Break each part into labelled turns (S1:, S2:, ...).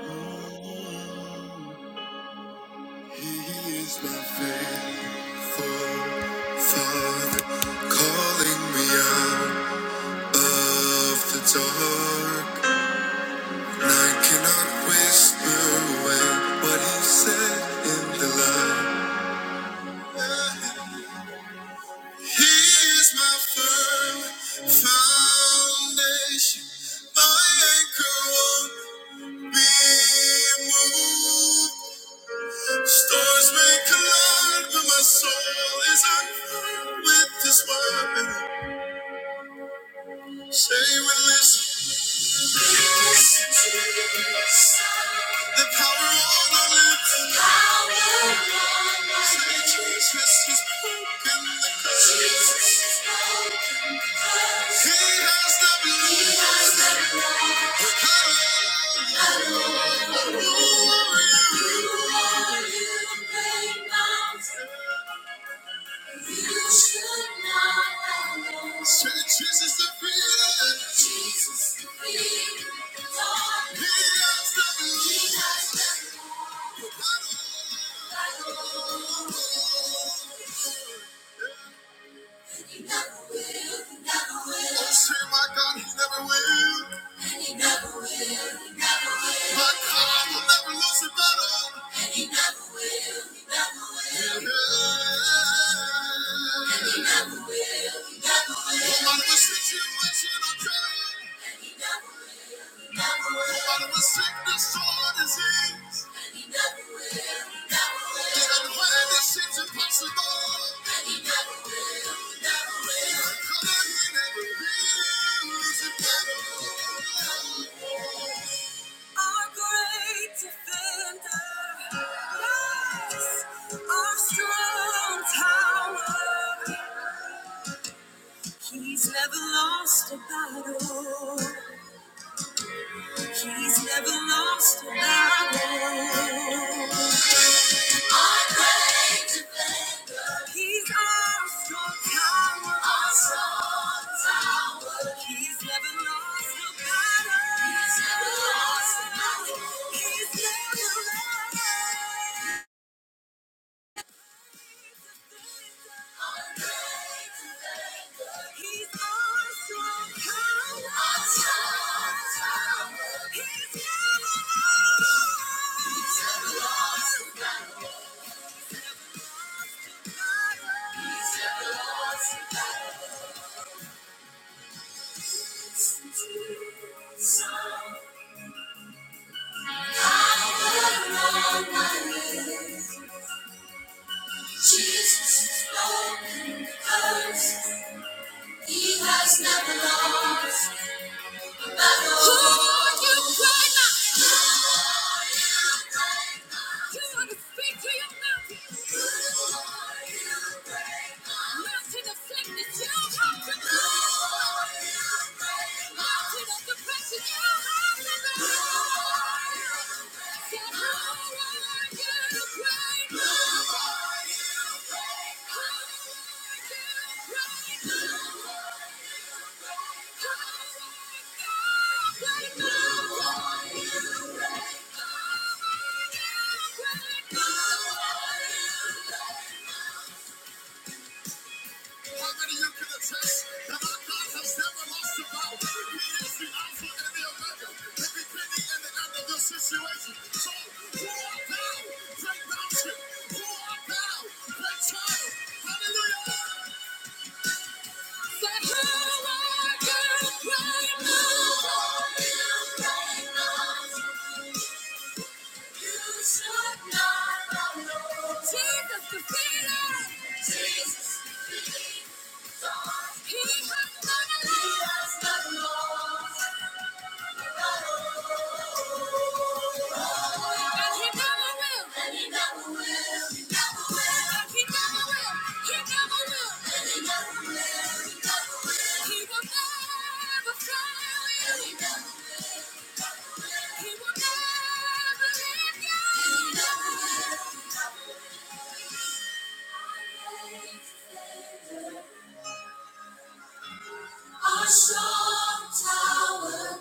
S1: He is my faithful Father, calling me out of the dark. And I cannot whisper away what He said in the light. He is my firm foundation, my anchor won't be moved. Stars may collide, but my soul is unfurled with this weapon. Say we listen. Listen to this. The power on our lips. The power on our lips. Say Jesus has broken the curse. Jesus has broken the curse. He has the blood. He has the blood. The power. You are, you Great mountain. You should not have known. Jesus Jesus the freedom. Jesus the freedom. Lord. He has Thank Oh, say my God, He never will. He He never never will, He never will. My God will never lose a battle. And He He never never will, He never will. Yeah. And He He never never will, He never will. No matter what situation I'm in, And He He never never will, He never will. no matter what sickness or disease. He's never lost a battle. He's never lost a battle. He's never lost a battle. He has never lost. But who you cry now? Thank you. Jesus, the freedom. Jesus, he has done a lot and he never will. Our strong tower,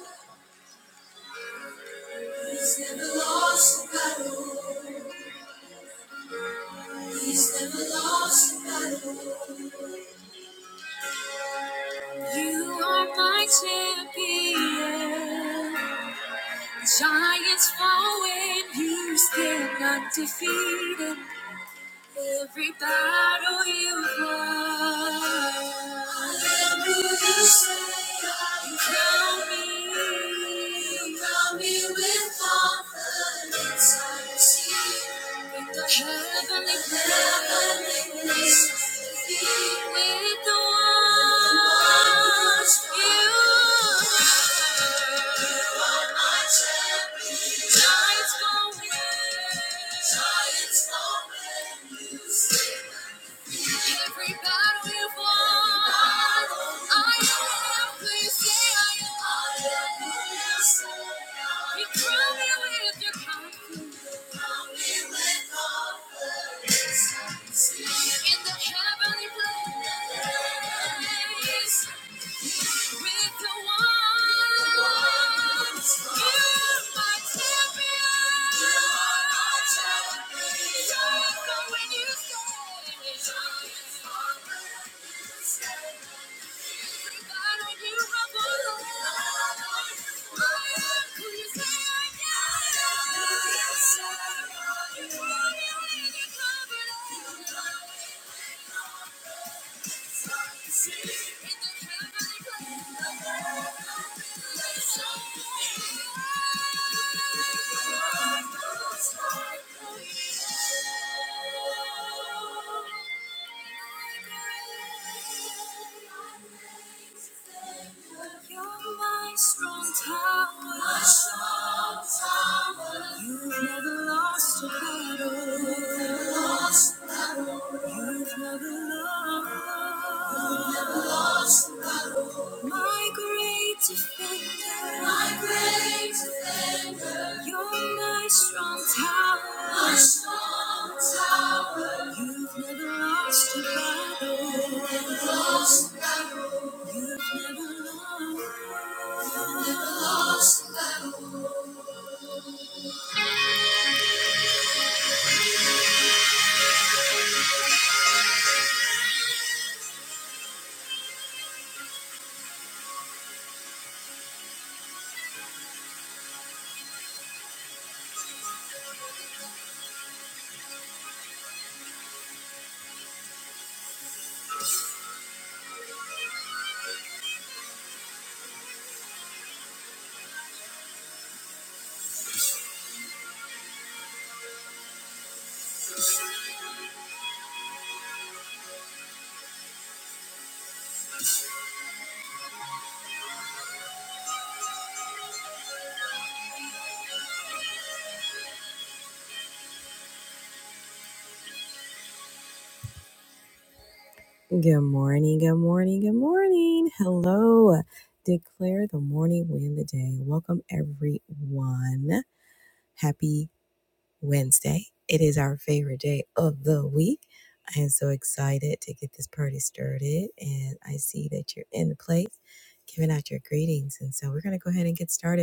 S1: he's never lost a battle, he's never lost a battle. You are my champion. Giants fall when you stand undefeated. Every battle you won. Hallelujah, say, you crown me. You crown me with confidence. I receive in the heavenly heavenly place. With the one you in the heavenly place with the one. You're my champion. You're my champion. So when you say, God, when you rumble, I am who you say I am. Yes, I am. You are me when you cover you're my strong tower. My strong tower. You've never lost a You've never lost a battle. You've never lost. Lost. My defender. My great defender. You're my strong tower. My strong tower. You've never lost a battle. You've never lost. Good morning, good morning, good morning. Hello. Declare the morning win the day. Welcome, everyone. Happy Wednesday. It is our favorite day of the week. I am so excited to get this party started, and I see that you're in the place giving out your greetings. And so we're going to go ahead and get started.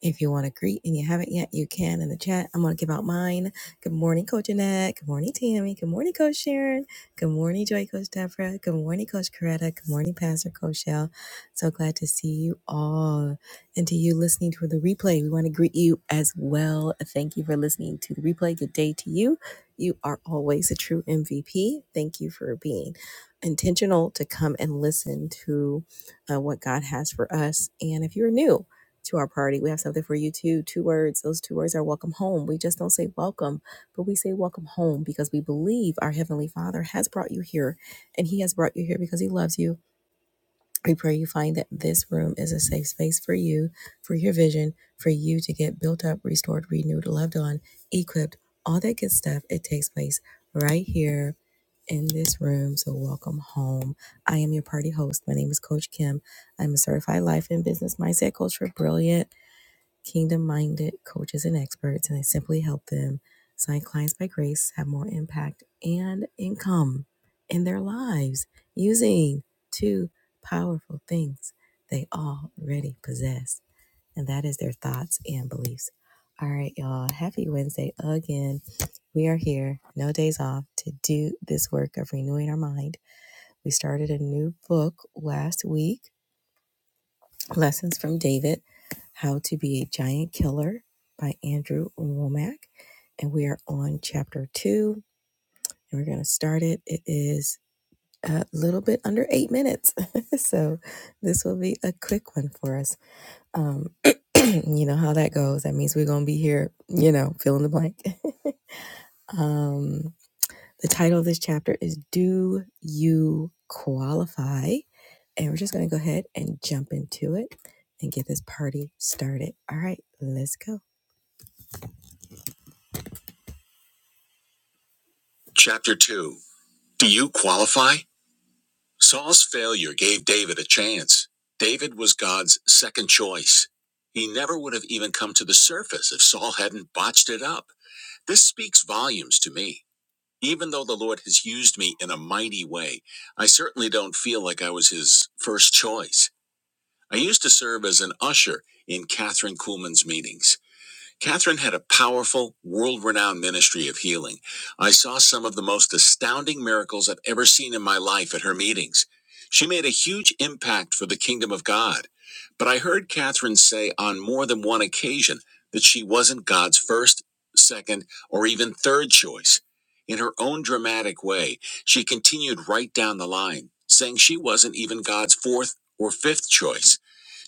S1: If you want to greet and you haven't yet, you can in the chat. I'm going to give out mine. Good morning, Coach Annette. Good morning, Tammy. Good morning, Coach Sharon. Good morning, Joy Coach Deborah. Good morning, Coach Coretta. Good morning, Pastor Coach Shell. So glad to see you all. And to you listening to the replay, we want to greet you as well. Thank you for listening to the replay. Good day to you. You are always a true MVP. Thank you for being intentional to come and listen to uh, what God has for us. And if you're new, to our party. We have something for you too. Two words. Those two words are welcome home. We just don't say welcome, but we say welcome home because we believe our Heavenly Father has brought you here and He has brought you here because He loves you. We pray you find that this room is a safe space for you, for your vision, for you to get built up, restored, renewed, loved on, equipped, all that good stuff. It takes place right here in this room. So, welcome home. I am your party host. My name is Coach Kim. I'm a certified life and business mindset coach for Brilliant kingdom minded coaches and experts, and I simply help them sign clients by grace, have more impact and income in their lives using two powerful things they already possess, and that is their thoughts and beliefs. All right, y'all. Happy Wednesday again. We are here, no days off, to do this work of renewing our mind. We started a new book last week, Lessons from David how to Be a Giant Killer by Andrew Womack. And we are on chapter two, and we're going to start it. It is a little bit under eight minutes. so this will be a quick one for us. Um, you know how that goes. That means we're going to be here, you know, fill in the blank. um, the title of this chapter is Do You Qualify? And we're just going to go ahead and jump into it and get this party started. All right, let's go. Chapter 2 Do you qualify? Saul's failure gave David a chance. David was God's second choice. He never would have even come to the surface if Saul hadn't botched it up. This speaks volumes to me. Even though the Lord has used me in a mighty way, I certainly don't feel like I was his first choice. I used to serve as an usher in Catherine Kuhlman's meetings. Catherine had a powerful, world renowned ministry of healing. I saw some of the most astounding miracles I've ever seen in my life at her meetings. She made a huge impact for the kingdom of God. But I heard Catherine say on more than one occasion that she wasn't God's first, second, or even third choice. In her own dramatic way, she continued right down the line, saying she wasn't even God's fourth or fifth choice.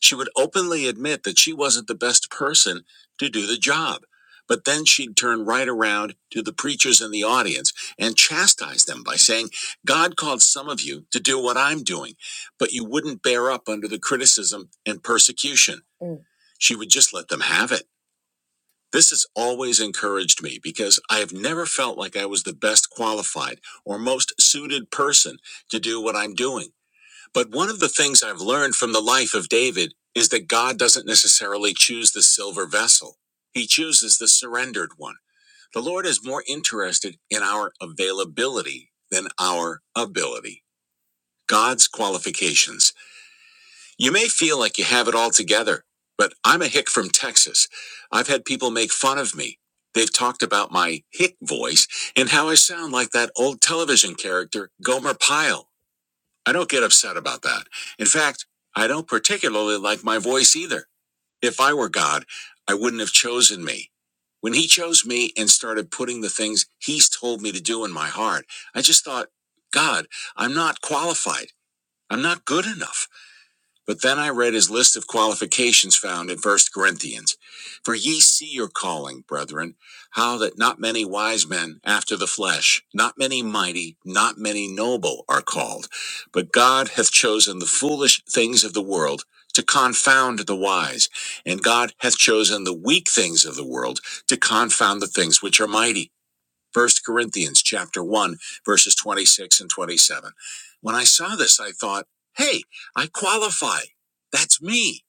S1: She would openly admit that she wasn't the best person to do the job. But then she'd turn right around to the preachers in the audience and chastise them by saying, God called some of you to do what I'm doing, but you wouldn't bear up under the criticism and persecution. Mm. She would just let them have it. This has always encouraged me because I have never felt like I was the best qualified or most suited person to do what I'm doing. But one of the things I've learned from the life of David is that God doesn't necessarily choose the silver vessel. He chooses the surrendered one. The Lord is more interested in our availability than our ability. God's qualifications. You may feel like you have it all together, but I'm a hick from Texas. I've had people make fun of me. They've talked about my hick voice and how I sound like that old television character, Gomer Pyle. I don't get upset about that. In fact, I don't particularly like my voice either. If I were God, I wouldn't have chosen me. When he chose me and started putting the things he's told me to do in my heart, I just thought, God, I'm not qualified. I'm not good enough. But then I read his list of qualifications found in First Corinthians. For ye see your calling, brethren, how that not many wise men after the flesh, not many mighty, not many noble are called. But God hath chosen the foolish things of the world to confound the wise, and God hath chosen the weak things of the world to confound the things which are mighty First Corinthians chapter 1 verses 26 and 27. When I saw this I thought, "Hey, I qualify. That's me."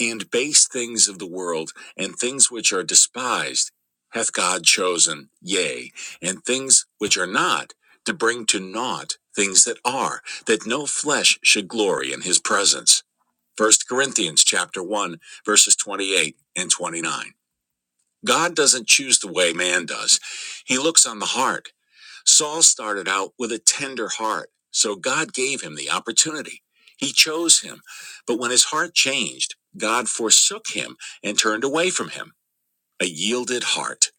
S1: And base things of the world and things which are despised hath God chosen, yea, and things which are not to bring to naught things that are, that no flesh should glory in his presence. First Corinthians chapter 1 verses 28 and 29. God doesn't choose the way man does. He looks on the heart. Saul started out with a tender heart, so God gave him the opportunity. He chose him. But when his heart changed, God forsook him and turned away from him, a yielded heart.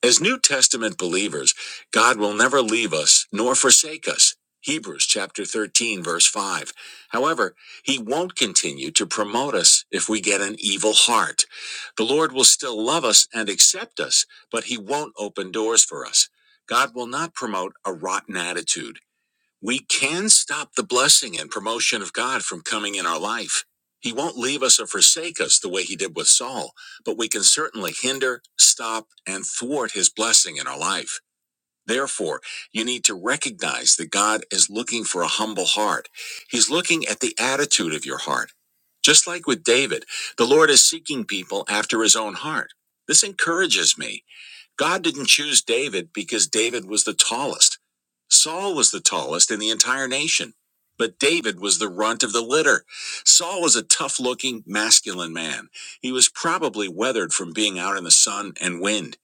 S1: As New Testament believers, God will never leave us nor forsake us. Hebrews chapter 13 verse 5. However, he won't continue to promote us if we get an evil heart. The Lord will still love us and accept us, but he won't open doors for us. God will not promote a rotten attitude. We can stop the blessing and promotion of God from coming in our life. He won't leave us or forsake us the way he did with Saul, but we can certainly hinder, stop, and thwart his blessing in our life. Therefore, you need to recognize that God is looking for a humble heart. He's looking at the attitude of your heart. Just like with David, the Lord is seeking people after his own heart. This encourages me. God didn't choose David because David was the tallest. Saul was the tallest in the entire nation, but David was the runt of the litter. Saul was a tough looking, masculine man. He was probably weathered from being out in the sun and wind.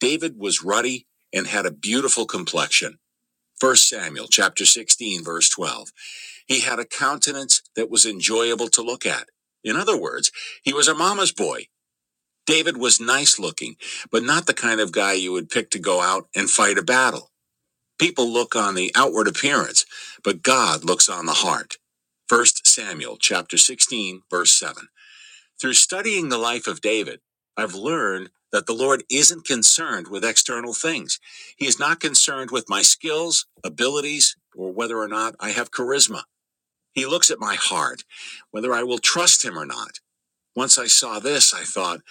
S1: David was ruddy and had a beautiful complexion. First Samuel chapter 16 verse 12. He had a countenance that was enjoyable to look at. In other words, he was a mama's boy. David was nice looking, but not the kind of guy you would pick to go out and fight a battle. People look on the outward appearance, but God looks on the heart. First Samuel chapter 16 verse 7. Through studying the life of David, I've learned that the Lord isn't concerned with external things. He is not concerned with my skills, abilities, or whether or not I have charisma. He looks at my heart, whether I will trust him or not. Once I saw this, I thought,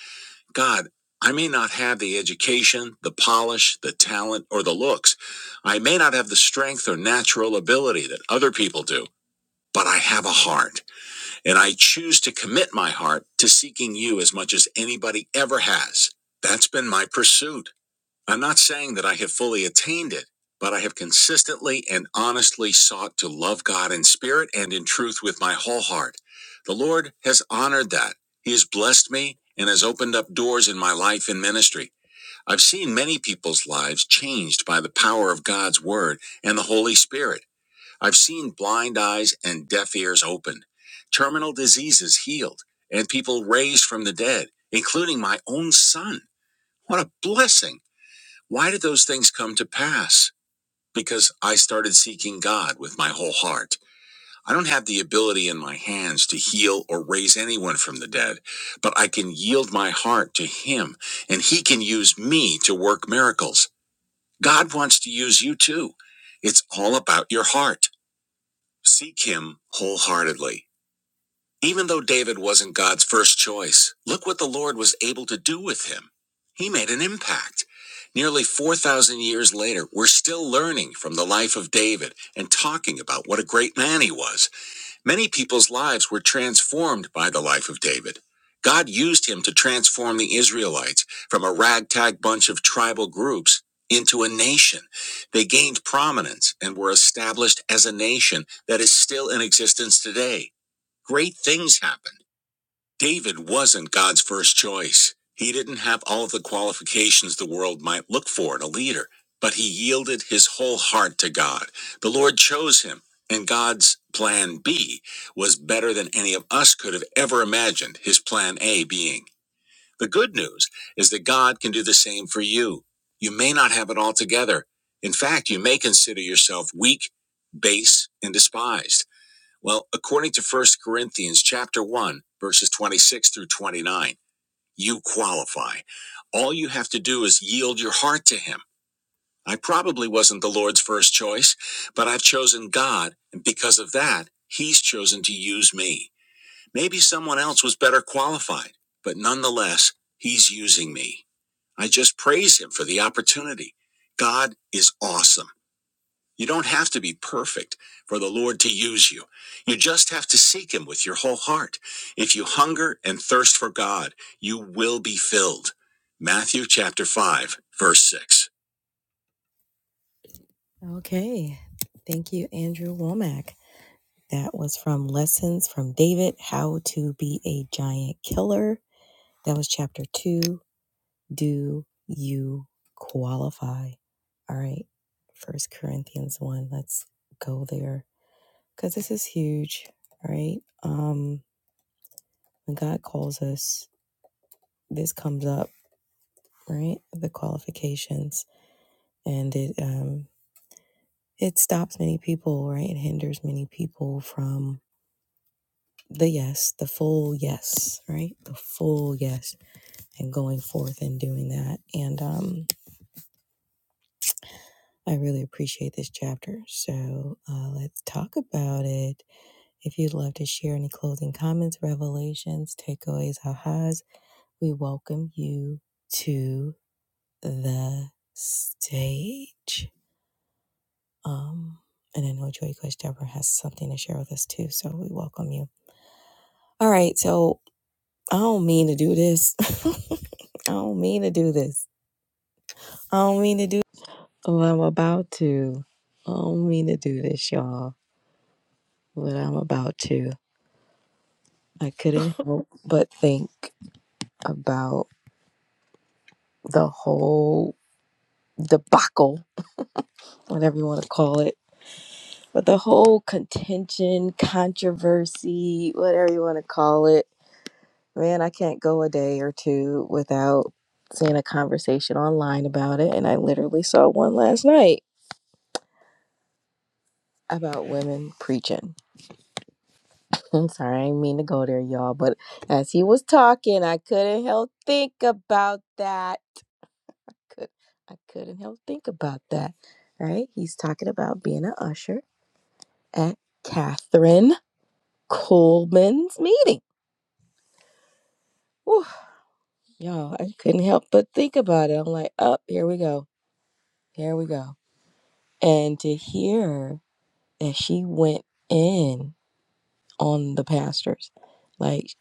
S1: God, I may not have the education, the polish, the talent, or the looks. I may not have the strength or natural ability that other people do, but I have a heart, and I choose to commit my heart to seeking you as much as anybody ever has. That's been my pursuit. I'm not saying that I have fully attained it, but I have consistently and honestly sought to love God in spirit and in truth with my whole heart. The Lord has honored that. He has blessed me and has opened up doors in my life and ministry. I've seen many people's lives changed by the power of God's word and the Holy Spirit. I've seen blind eyes and deaf ears opened, terminal diseases healed, and people raised from the dead, including my own son. What a blessing! Why did those things come to pass? Because I started seeking God with my whole heart. I don't have the ability in my hands to heal or raise anyone from the dead, but I can yield my heart to Him, and He can use me to work miracles. God wants to use you too. It's all about your heart. Seek Him wholeheartedly. Even though David wasn't God's first choice, look what the Lord was able to do with him. He made an impact. Nearly 4,000 years later, we're still learning from the life of David and talking about what a great man he was. Many people's lives were transformed by the life of David. God used him to transform the Israelites from a ragtag bunch of tribal groups into a nation. They gained prominence and were established as a nation that is still in existence today. Great things happened. David wasn't God's first choice. He didn't have all of the qualifications the world might look for in a leader, but he yielded his whole heart to God. The Lord chose him, and God's plan B was better than any of us could have ever imagined, his plan A being. The good news is that God can do the same for you. You may not have it all together. In fact, you may consider yourself weak, base, and despised. Well, according to First Corinthians chapter 1, verses 26 through 29, you qualify. All you have to do is yield your heart to him. I probably wasn't the Lord's first choice, but I've chosen God, and because of that, he's chosen to use me. Maybe someone else was better qualified, but nonetheless, he's using me. I just praise him for the opportunity. God is awesome. You don't have to be perfect for the Lord to use you. You just have to seek Him with your whole heart. If you hunger and thirst for God, you will be filled. Matthew chapter 5, verse 6. Okay. Thank you, Andrew Womack. That was from Lessons from David How to Be a Giant Killer. That was chapter 2. Do you qualify? All right. First Corinthians 1. Let's go there. because this is huge, right? Um, when God calls us, this comes up, right? The qualifications, and it um, it stops many people, right? It hinders many people from the yes, the full yes, right? The full yes, and going forth and doing that. And um, I really appreciate this chapter. So uh, let's talk about it. If you'd love to share any closing comments, revelations, takeaways, ahas, We welcome you to the stage. Um, and I know Joy Coach Deborah has something to share with us too, so we welcome you. All right, so I don't mean to do this. I don't mean to do this. I don't mean to do. Oh, I'm about to. I don't mean to do this, y'all, but I'm about to. I couldn't help but think about the whole debacle, whatever you want to call it But the whole contention, controversy, whatever you want to call it, man, I can't go a day or two without seeing a conversation online about it. And I literally saw one last night about women preaching. I'm sorry, I didn't mean to go there, y'all. But as he was talking, I couldn't help think about that. Could I couldn't help think about that. Right? He's talking about being an usher at Catherine Coleman's meeting. Whew. Y'all, I couldn't help but think about it. I'm like, oh, here we go. Here we go. And to hear that she went in on the pastors, like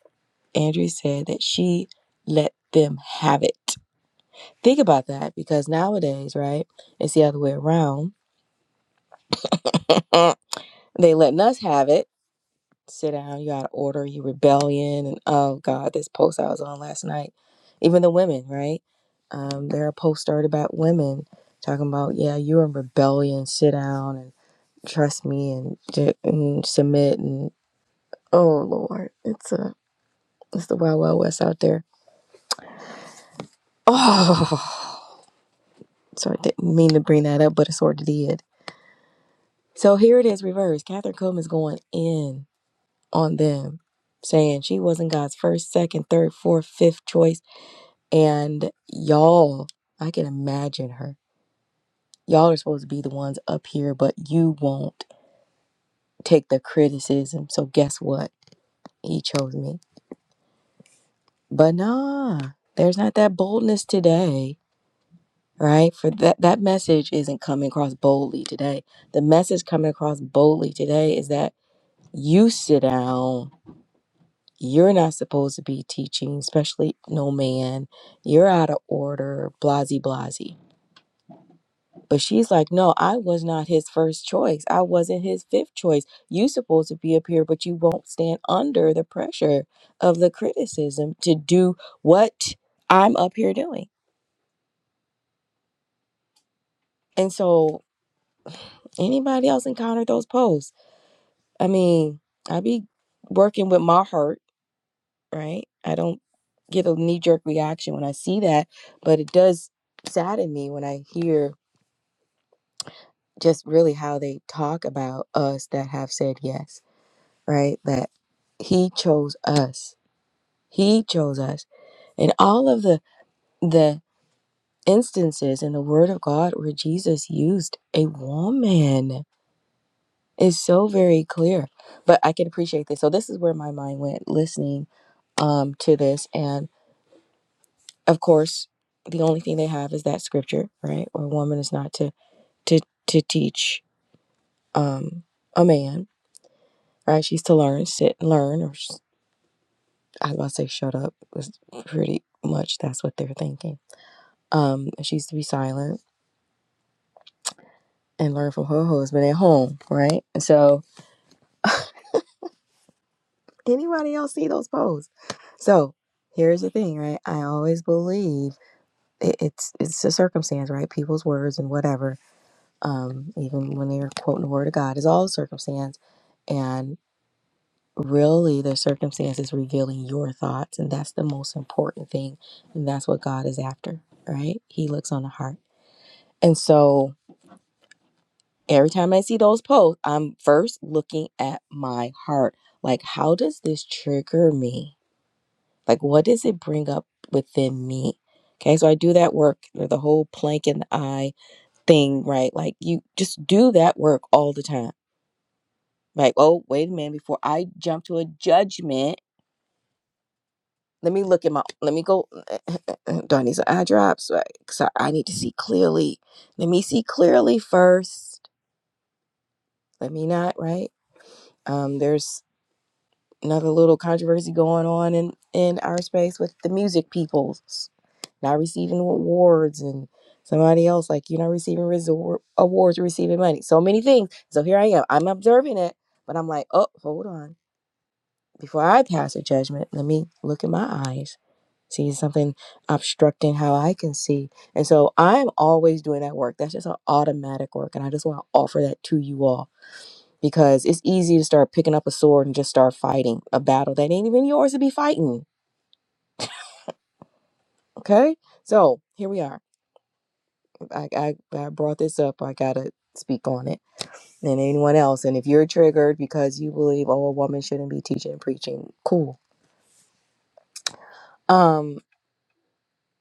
S1: Andrea said, that she let them have it. Think about that because nowadays, right? It's the other way around. Uh, They letting us have it sit down, you out of order, you rebellion, and oh god, this post I was on last night. Even the women, right? Um, there are posts started about women talking about, yeah, you're in rebellion, sit down and trust me and, j- and submit and oh lord, it's a it's the wild wild west out there. Oh, so I didn't mean to bring that up, but it sort of did. So here it is, reversed. Catherine Coleman's going in on them, saying she wasn't God's first, second, third, fourth, fifth choice And y'all, I can imagine her. Y'all are supposed to be the ones up here, but you won't take the criticism. So guess what? He chose me. But nah, there's not that boldness today, right? For that that message isn't coming across boldly today. The message coming across boldly today is that you sit down. You're not supposed to be teaching, especially no man. You're out of order, blasey blasey. But she's like, no, I was not his first choice. I wasn't his fifth choice. You supposed to be up here, but you won't stand under the pressure of the criticism to do what I'm up here doing. And so anybody else encountered those posts? I mean, I be working with my heart, right? I don't get a knee jerk reaction when I see that, but it does sadden me when I hear just really how they talk about us that have said yes right? That he chose us. He chose us. And all of the the instances in the word of God where Jesus used a woman is so very clear. But I can appreciate this. So this is where my mind went listening um to this and of course the only thing they have is that scripture, right? Where a woman is not to to to teach um a man, right? She's to learn, sit and learn or s- I was about to say shut up. was pretty much that's what they're thinking Um, she used to be silent and learn from her husband at home, right? And so anybody else see those posts? So here's the thing, right? I always believe it, it's it's a circumstance, right? People's words and whatever, um, even when they're quoting the word of God, is all circumstance, and really the circumstance is revealing your thoughts, and that's the most important thing, and that's what God is after, right? He looks on the heart, and so. every time I see those posts, I'm first looking at my heart. Like, how does this trigger me? Like, what does it bring up within me? Okay, so I do that work, or the whole plank in the eye thing, right? Like, you just do that work all the time. Like, oh, wait a minute, before I jump to a judgment, let me look at my, let me go, do I need some eye drops? Like, so I need to see clearly. Let me see clearly first. Let me not, right? Um, there's another little controversy going on in in our space with the music people not receiving awards and somebody else like you're not receiving resor- awards you're receiving money so many things so here i am i'm observing it but i'm like oh hold on before i pass a judgment let me look in my eyes see something obstructing how i can see and so i'm always doing that work that's just an automatic work and i just want to offer that to you all because it's easy to start picking up a sword and just start fighting a battle that ain't even yours to be fighting. Okay, so here we are. I I, I brought this up. I gotta speak on it. And anyone else, and if you're triggered because you believe oh a woman shouldn't be teaching and preaching, cool. Um,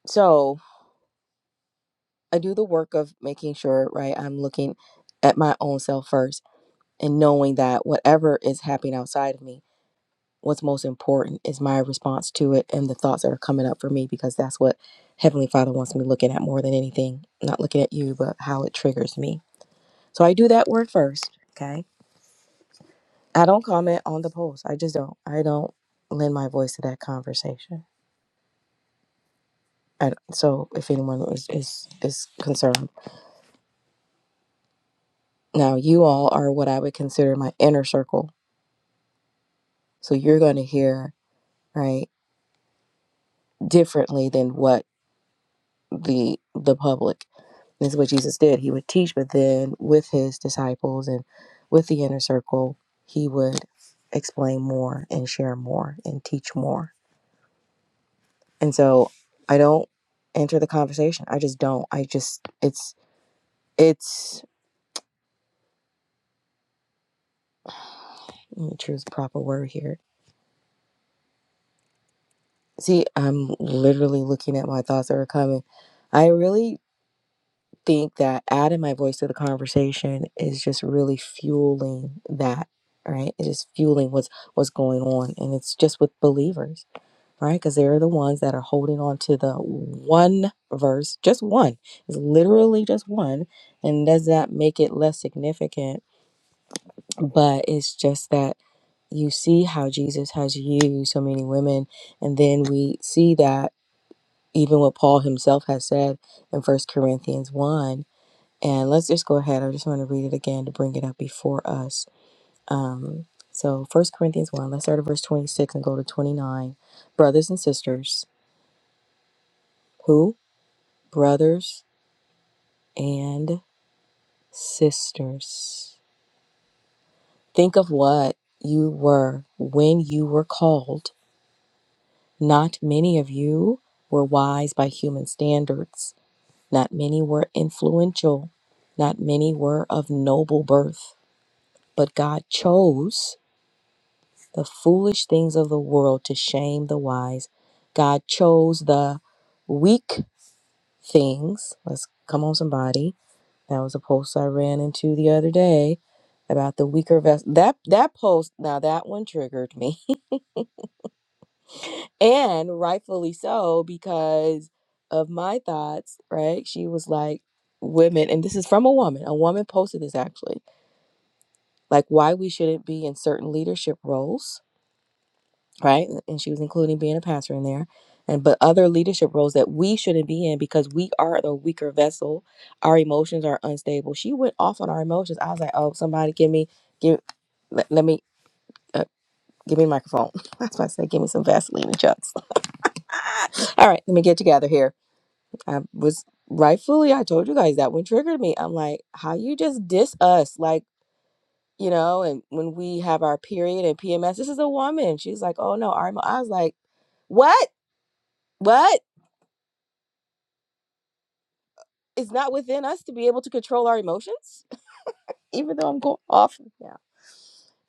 S1: so I do the work of making sure right. I'm looking at my own self first and knowing that whatever is happening outside of me what's most important is my response to it and the thoughts that are coming up for me because that's what Heavenly Father wants me looking at more than anything. Not looking at you, but how it triggers me. So I do that work first. Okay. I don't comment on the post. I just don't. I don't lend my voice to that conversation. And so if anyone is, is is concerned. Now you all are what I would consider my inner circle. So you're gonna hear, right, differently than what the the public This is what Jesus did. He would teach, but then with his disciples and with the inner circle, he would explain more and share more and teach more. And so I don't enter the conversation. I just don't. I just it's it's let me choose the proper word here. See, I'm literally looking at my thoughts that are coming. I really think that adding my voice to the conversation is just really fueling that, right? It is fueling what's what's going on. And it's just with believers right? Because they're the ones that are holding on to the one verse, just one. It's literally just one. And does that make it less significant? But it's just that you see how Jesus has used so many women. And then we see that even what Paul himself has said in First Corinthians 1. And let's just go ahead. I just want to read it again to bring it up before us. Um, so First Corinthians 1, let's start at verse 26 and go to 29. Brothers and sisters, who? brothers and sisters. Think of what you were when you were called. Not many of you were wise by human standards, not many were influential, not many were of noble birth, but God chose the foolish things of the world to shame the wise. God chose the weak things. Let's come on, somebody That was a post I ran into the other day about the weaker vessel. That that post, now that one triggered me. and rightfully so because of my thoughts, right? She was like women and this is from a woman. A woman posted this actually. Like why we shouldn't be in certain leadership roles right? And she was including being a pastor in there. And but other leadership roles that we shouldn't be in because we are the weaker vessel. Our emotions are unstable. She went off on our emotions. I was like, oh, somebody give me, give, let, let me, uh, give me a microphone. That's why I said, give me some Vaseline and chucks. All right, let me get together here. I was rightfully, I told you guys that one triggered me. I'm like, how you just diss us? Like, you know, and when we have our period and PMS, this is a woman. She's like, oh no, I'm, I was like, what? What? It's not within us to be able to control our emotions, even though I'm going off now.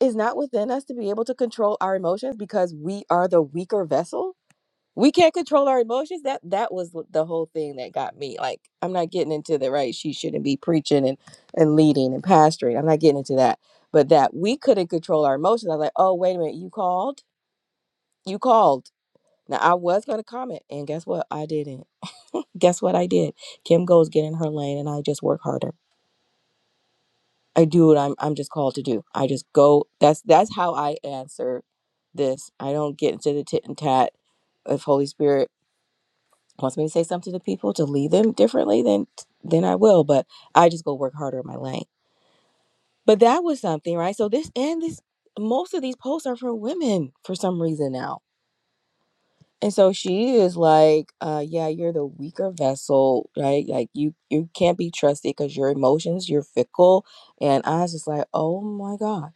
S1: It's not within us to be able to control our emotions because we are the weaker vessel. We can't control our emotions. That that was the whole thing that got me. Like, I'm not getting into the right. She shouldn't be preaching and and leading and pastoring. I'm not getting into that. But that we couldn't control our emotions. I was like, oh wait a minute, you called, you called. Now I was gonna comment, and guess what? I didn't. Guess what I did? Kim goes get in her lane, and I just work harder. I do what I'm I'm just called to do. I just go. That's that's how I answer this. I don't get into the tit and tat. If Holy Spirit wants me to say something to people to lead them differently, then then I will. But I just go work harder in my lane. But that was something, right? So this and this most of these posts are for women for some reason now. And so she is like, uh, yeah, you're the weaker vessel, right? Like you you can't be trusted because your emotions, you're fickle. And I was just like, oh my gosh.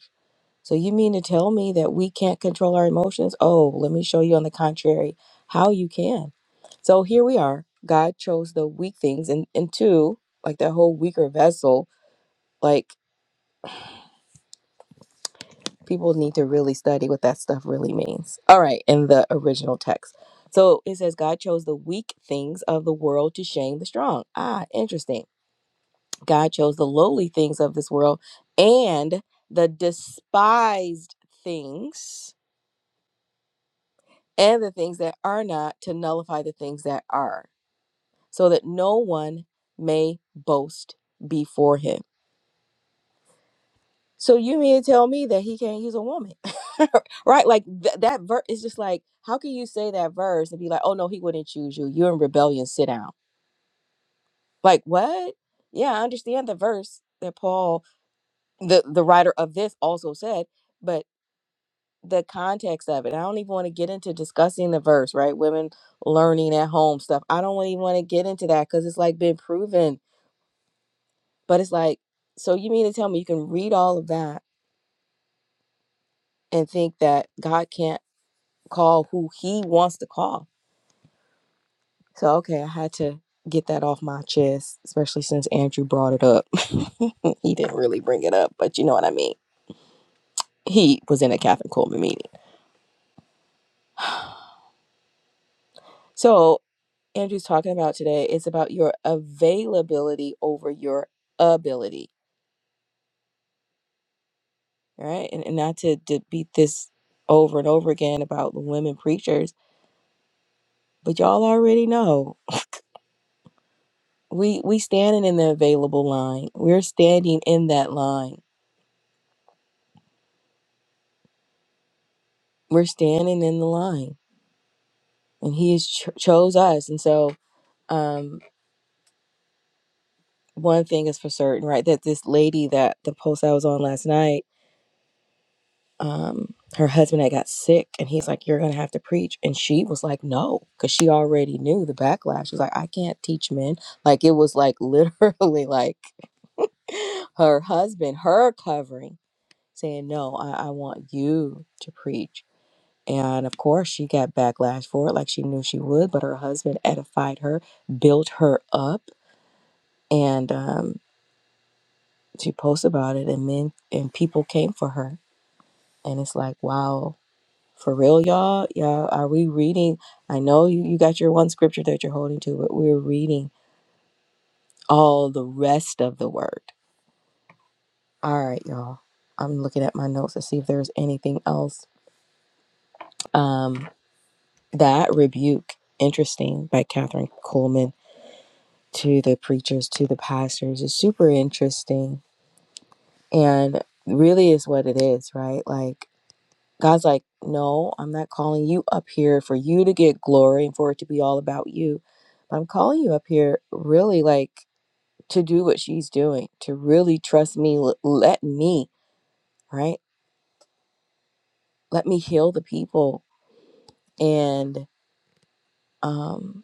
S1: So you mean to tell me that we can't control our emotions? Oh, let me show you on the contrary how you can. So here we are. God chose the weak things and and two, like that whole weaker vessel, like people need to really study what that stuff really means. All right, in the original text. So it says God chose the weak things of the world to shame the strong. Ah, interesting. God chose the lowly things of this world and the despised things and the things that are not to nullify the things that are, so that no one may boast before him. So you mean to tell me that he can't use a woman, right? Like th- that verse is just like, how can you say that verse and be like, oh no, he wouldn't choose you. You're in rebellion. Sit down. Like what? Yeah, I understand the verse that Paul, the the writer of this, also said, but the context of it. I don't even want to get into discussing the verse, right? Women learning at home stuff. I don't even want to get into that because it's like been proven. But it's like, so you mean to tell me you can read all of that and think that God can't call who he wants to call? So, okay, I had to get that off my chest, especially since Andrew brought it up. he didn't really bring it up, but you know what I mean. He was in a Catholic Coleman meeting. So, Andrew's talking about today is about your availability over your ability, right? And, and not to, to beat this over and over again about the women preachers, but y'all already know we we standing in the available line. We're standing in that line. We're standing in the line, and He has cho- chose us. And so, um, one thing is for certain, right? That this lady that the post I was on last night um her husband had got sick and he's like you're gonna have to preach and she was like no because she already knew the backlash she was like i can't teach men like it was like literally like her husband her covering saying no i, I want you to preach and of course she got backlash for it like she knew she would but her husband edified her built her up and um she posted about it and men and people came for her and it's like wow For real, y'all. Y'all, are we reading? I know you, you got your one scripture that you're holding to, but we're reading all the rest of the word. All right, y'all. I'm looking at my notes to see if there's anything else. Um, that rebuke, interesting, by Catherine Coleman to the preachers, to the pastors, is super interesting and really is what it is, right? Like God's like, no, I'm not calling you up here for you to get glory and for it to be all about you. I'm calling you up here really like to do what she's doing, to really trust me, l- let me, right? Let me heal the people. And um,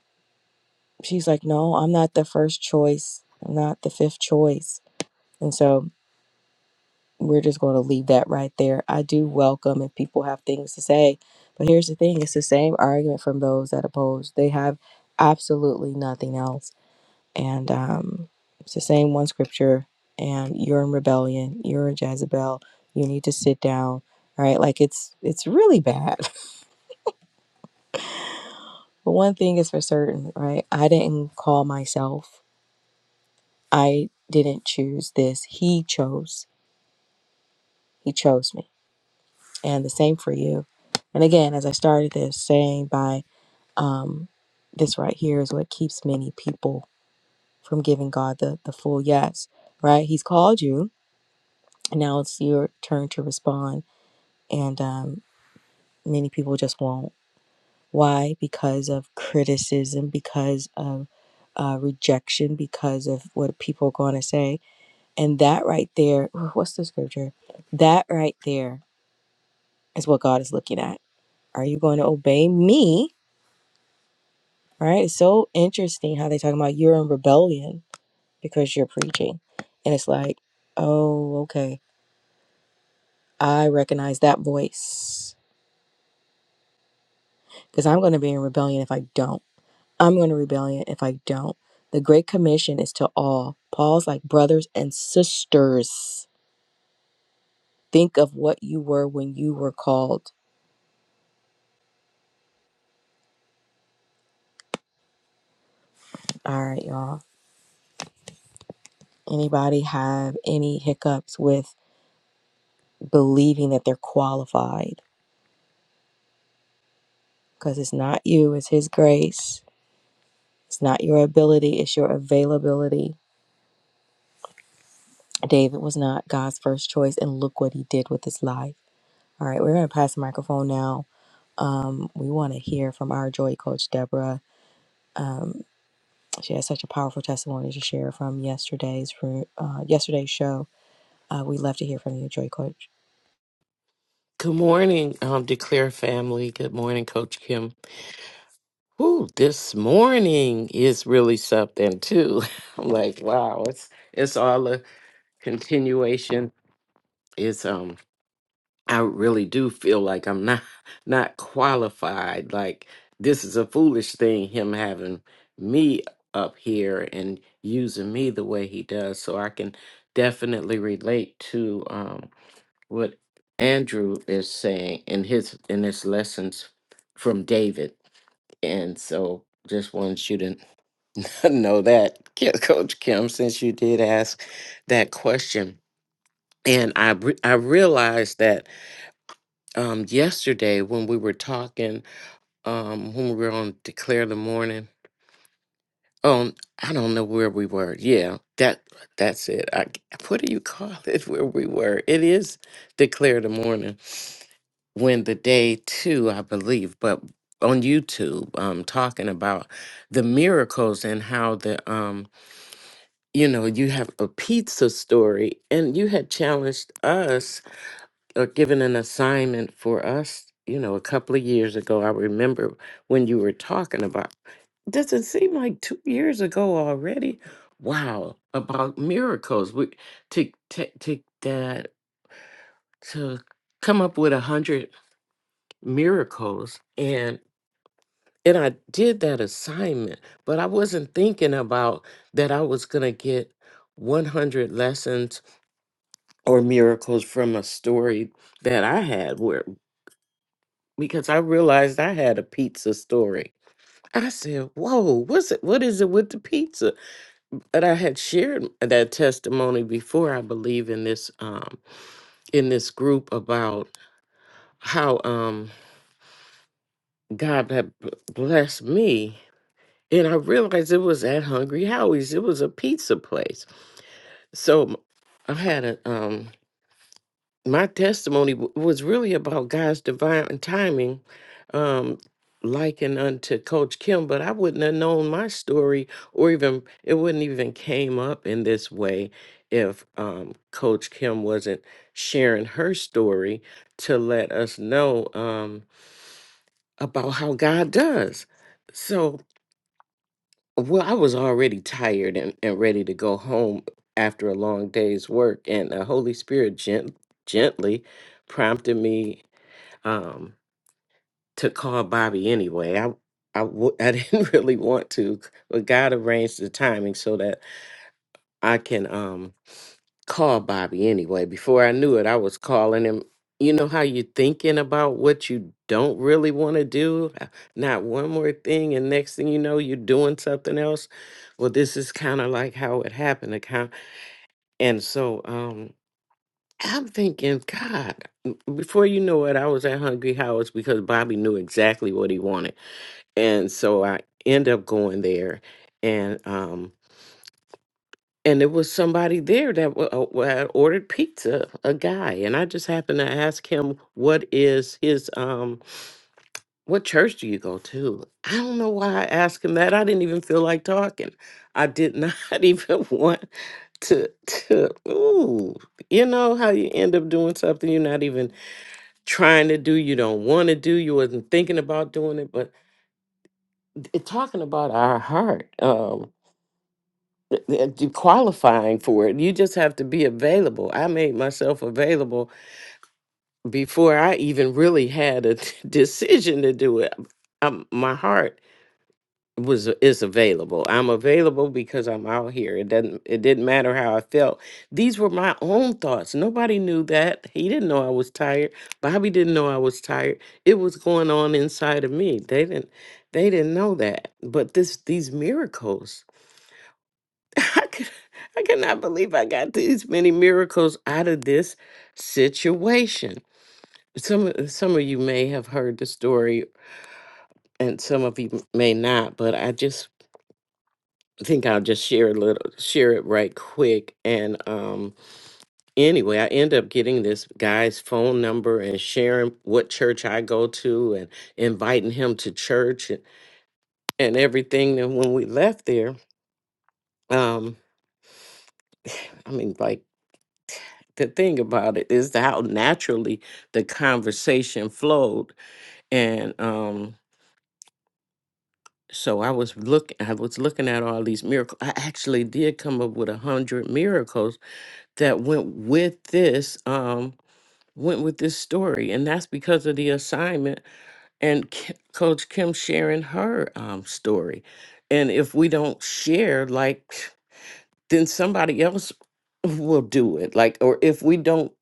S1: she's like, no, I'm not the first choice. I'm not the fifth choice. And so we're just going to leave that right there. I do welcome if people have things to say, but here's the thing it's the same argument from those that oppose. They have absolutely nothing else. And um, it's the same one scripture, and you're in rebellion, you're a Jezebel, you need to sit down. Right, like it's it's really bad. But one thing is for certain, right? I didn't call myself. I didn't choose this. He chose. He chose me and the same for you. And again, as I started this saying by um, this right here is what keeps many people from giving God the, the full yes, right? He's called you, and now it's your turn to respond. And um, many people just won't. Why? Because of criticism, because of uh, rejection, because of what people are going to say. And that right there, what's the scripture? That right there is what God is looking at. Are you going to obey me? Right? It's so interesting how they talk about you're in rebellion because you're preaching. And it's like, oh, okay. I recognize that voice. Because I'm going to be in rebellion if I don't. I'm going to rebellion if I don't. The Great Commission is to all. Paul's like brothers and sisters. Think of what you were when you were called. All right, y'all. Anybody have any hiccups with believing that they're qualified? Because it's not you, it's His grace It's not your ability, it's your availability. David was not God's first choice, and look what he did with his life. All right, we're going to pass the microphone now. Um, we want to hear from our joy coach, Deborah. She has such a powerful testimony to share from yesterday's ro- uh, yesterday's show. Uh, we love to hear from you, joy coach.
S2: Good morning, um, Declare family. Good morning, Coach Kim. Ooh, this morning is really something too. I'm like, wow, it's it's all a continuation. It's um, I really do feel like I'm not not qualified. Like this is a foolish thing, him having me up here and using me the way he does. So I can definitely relate to. um what Andrew is saying in his in his lessons from David, and so just wanted you to know that, Ki- Coach Kim, since you did ask that question, and I re- I realized that um, yesterday when we were talking um, when we were on Declare the Morning, um, I don't know where we were. Yeah, that that's it. I, what do you call it? Where we were? It is Declare the Morning when the day two, I believe, but on YouTube, um, talking about the miracles and how the um, you know, you have a pizza story, and you had challenged us or given an assignment for us, you know, a couple of years ago. I remember when you were talking about. Does it seem like two years ago already? Wow, about miracles. We to to to that to come up with a hundred miracles and and I did that assignment, but I wasn't thinking about that I was going to get 100 lessons or miracles from a story that I had where because I realized I had a pizza story. I said, "Whoa, what's it what is it with the pizza?" But I had shared that testimony before, I believe in this um in this group about how um God had b- blessed me and I realized it was at Hungry Howie's. It was a pizza place so m- I had a um my testimony w- was really about God's divine timing, um, likened unto Coach Kim, but I wouldn't have known my story or even it wouldn't even came up in this way if um Coach Kim wasn't sharing her story to let us know um about how God does. So well, I was already tired and, and ready to go home after a long day's work, and the Holy Spirit gent- gently prompted me um, to call Bobby anyway. I I, w- I didn't really want to, but God arranged the timing so that I can. Um, call Bobby anyway. Before I knew it, I was calling him. You know how you are thinking about what you don't really want to do? Uh, Not one more thing, and next thing you know, you're doing something else. Well, this is kind of like how it happened. Account, and so um, I'm thinking, God. m- Before you know it, I was at Hungry House because Bobby knew exactly what he wanted, and so I end up going there, and um, and there was somebody there that wa- uh, wa- had ordered pizza a guy and i just happened to ask him what is his um what church do you go to i don't know why i asked him that i didn't even feel like talking i did not even want to to ooh you know how you end up doing something you're not even trying to do you don't want to do you wasn't thinking about doing it but it, talking about our heart um, that you qualifying for it. You just have to be available. I made myself available before I even really had a decision to do it. Um my heart was is available. I'm available because I'm out here. It doesn't it didn't matter how I felt. These were my own thoughts. Nobody knew that. He didn't know I was tired. Bobby didn't know I was tired. It was going on inside of me. They didn't they didn't know that. But this these miracles I could, I cannot believe I got these many miracles out of this situation. Some of- some of you may have heard the story, and some of you may not. But I just think I'll just share a little, share it right quick. And um, anyway, I end up getting this guy's phone number and sharing what church I go to and inviting him to church and, and everything. And when we left there, um, I mean, like. the thing about it is how naturally the conversation flowed and um so i was looking i was looking at all these miracles i actually did come up with a hundred miracles that went with this um went with this story and that's because of the assignment and K- coach kim sharing her um story and if we don't share like then somebody else will do it like or if we don't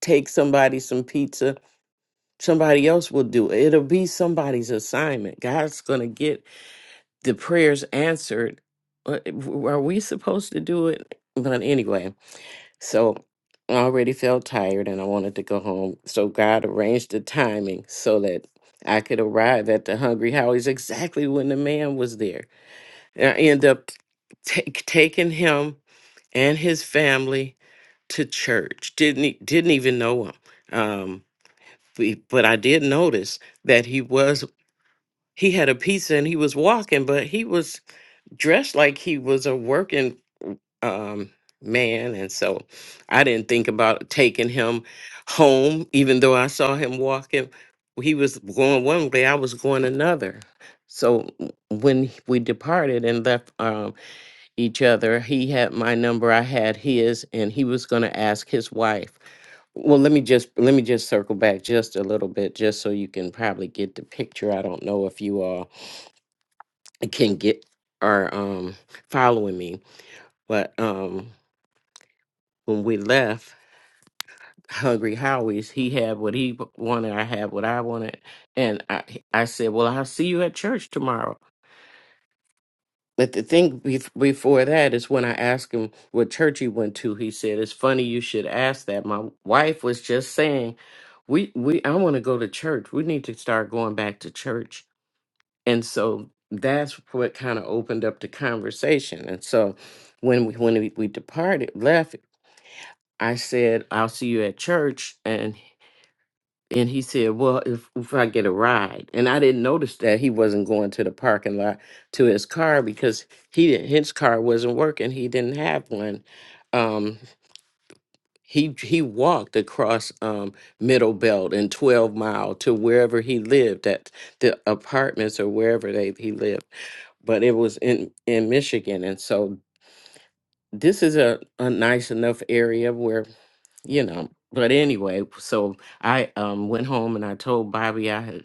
S2: take somebody some pizza Somebody else will do it. It'll be somebody's assignment. God's going to get the prayers answered. Uh, Are we supposed to do it? But anyway, so I already felt tired and I wanted to go home. So God arranged the timing so that I could arrive at the Hungry Howie's exactly when the man was there. And I end up take, taking him and his family to church. Didn't e- didn't even know him. Um, we- but I did notice that he was. he had a pizza and he was walking, but he was dressed like he was a working um, man. And so I didn't think about taking him home, even though I saw him walking. He was going one way, I was going another. So w- when we departed and left um, each other, he had my number, I had his, and he was going to ask his wife. Well, let me just let me just circle back just a little bit, just so you can probably get the picture. I don't know if you all can get are um following me. But um when we left Hungry Howie's, he had what he wanted, I had what I wanted, and I I said, "Well, I'll see you at church tomorrow." But the thing bef- before that is when I asked him what church he went to, he said, "It's funny you should ask that. My wife was just saying, we we I want to go to church. We need to start going back to church." and so that's what kind of opened up the conversation and so when we when we, we departed left i said i'll see you at church and and he said well if, if i get a ride and i didn't notice that he wasn't going to the parking lot to his car because he didn't his car wasn't working he didn't have one um he he walked across um middle belt and 12 mile to wherever he lived at the apartments or wherever they he lived but it was in in Michigan, and so this is a a nice enough area where you know. But anyway, so I um went home and I told Bobby I had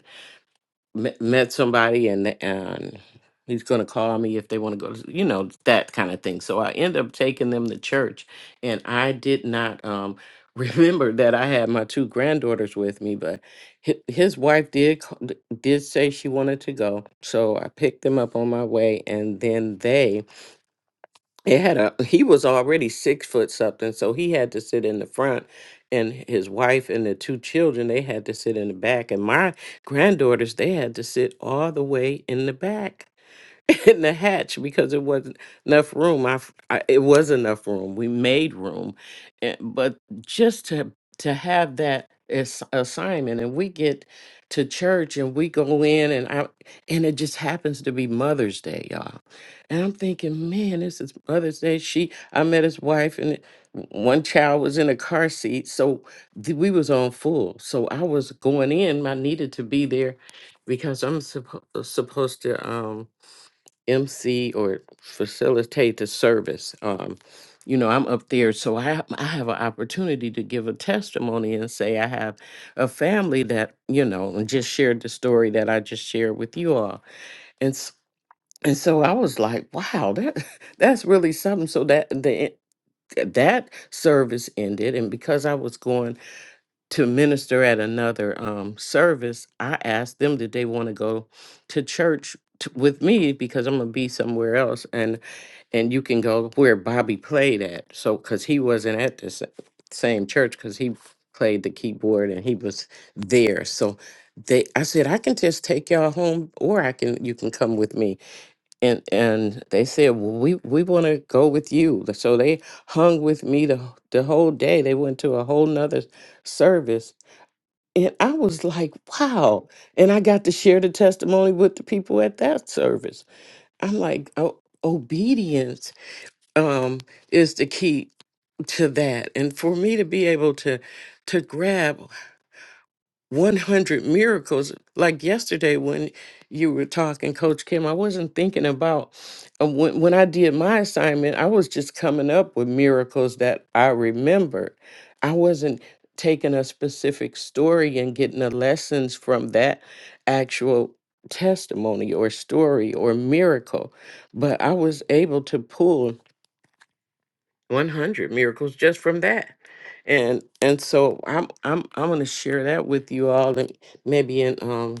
S2: met, met somebody and and he's going to call me if they want to go to you know that kind of thing. So I end up taking them to church, and I did not um remember that I had my two granddaughters with me, but hi- his wife did c- did say she wanted to go, so I picked them up on my way, and then they it had a he was already six foot something so he had to sit in the front and his wife and the two children they had to sit in the back and my granddaughters they had to sit all the way in the back in the hatch because it wasn't enough room. I, f- I- it was enough room. We made room, and, but just to to have that as assignment, and we get to church and we go in and out, and it just happens to be Mother's Day, y'all. And I'm thinking, man, this is Mother's Day. She, I met his wife, and it- one child was in a car seat, so th- we was on full. So I was going in. I needed to be there because I'm suppo- supposed to. um MC or facilitate the service. Um, you know, I'm up there, so I have, I have an opportunity to give a testimony and say I have a family that you know, and just shared the story that I just shared with you all, and s- and so I was like, wow, that that's really something. So that the eh, that service ended, and because I was going to minister at another um, service, I asked them did they want to go to church t- with me because I'm gonna be somewhere else, and and you can go where Bobby played at. So, because he wasn't at the sa- same church, because he played the keyboard and he was there. So, they, I said, I can just take y'all home, or I can, you can come with me. And and they said, well, we we want to go with you. So they hung with me the the whole day. They went to a whole nother service. And I was like, wow. And I got to share the testimony with the people at that service. I'm like, oh, obedience um, is the key to that. And for me to be able to to grab 100 miracles, like yesterday when you were talking, Coach Kim, I wasn't thinking about uh, when when I did my assignment. I was just coming up with miracles that I remembered. I wasn't taking a specific story and getting the lessons from that actual testimony or story or miracle but i was able to pull 100 miracles just from that and and so i'm i'm i'm going to share that with you all and maybe in um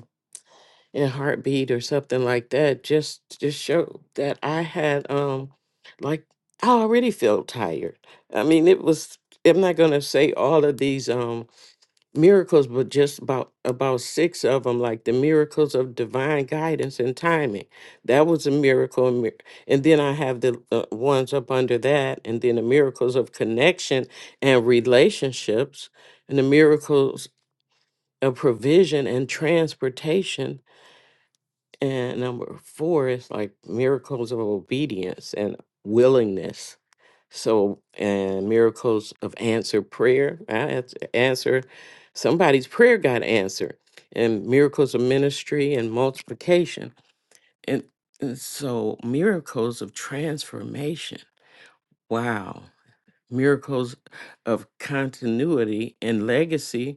S2: in heartbeat or something like that just just show that i had um like i already felt tired i mean it was i'm not going to say all of these um miracles, but just about about six of them, like the miracles of divine guidance and timing. That was a miracle, and mir- and then I have the uh, ones up under that, and then the miracles of connection and relationships, and the miracles of provision and transportation. And number four is like miracles of obedience and willingness so, and miracles of answered prayer. I ans- answer somebody's prayer got answered, and miracles of ministry and multiplication, and, and so miracles of transformation. Wow, miracles of continuity and legacy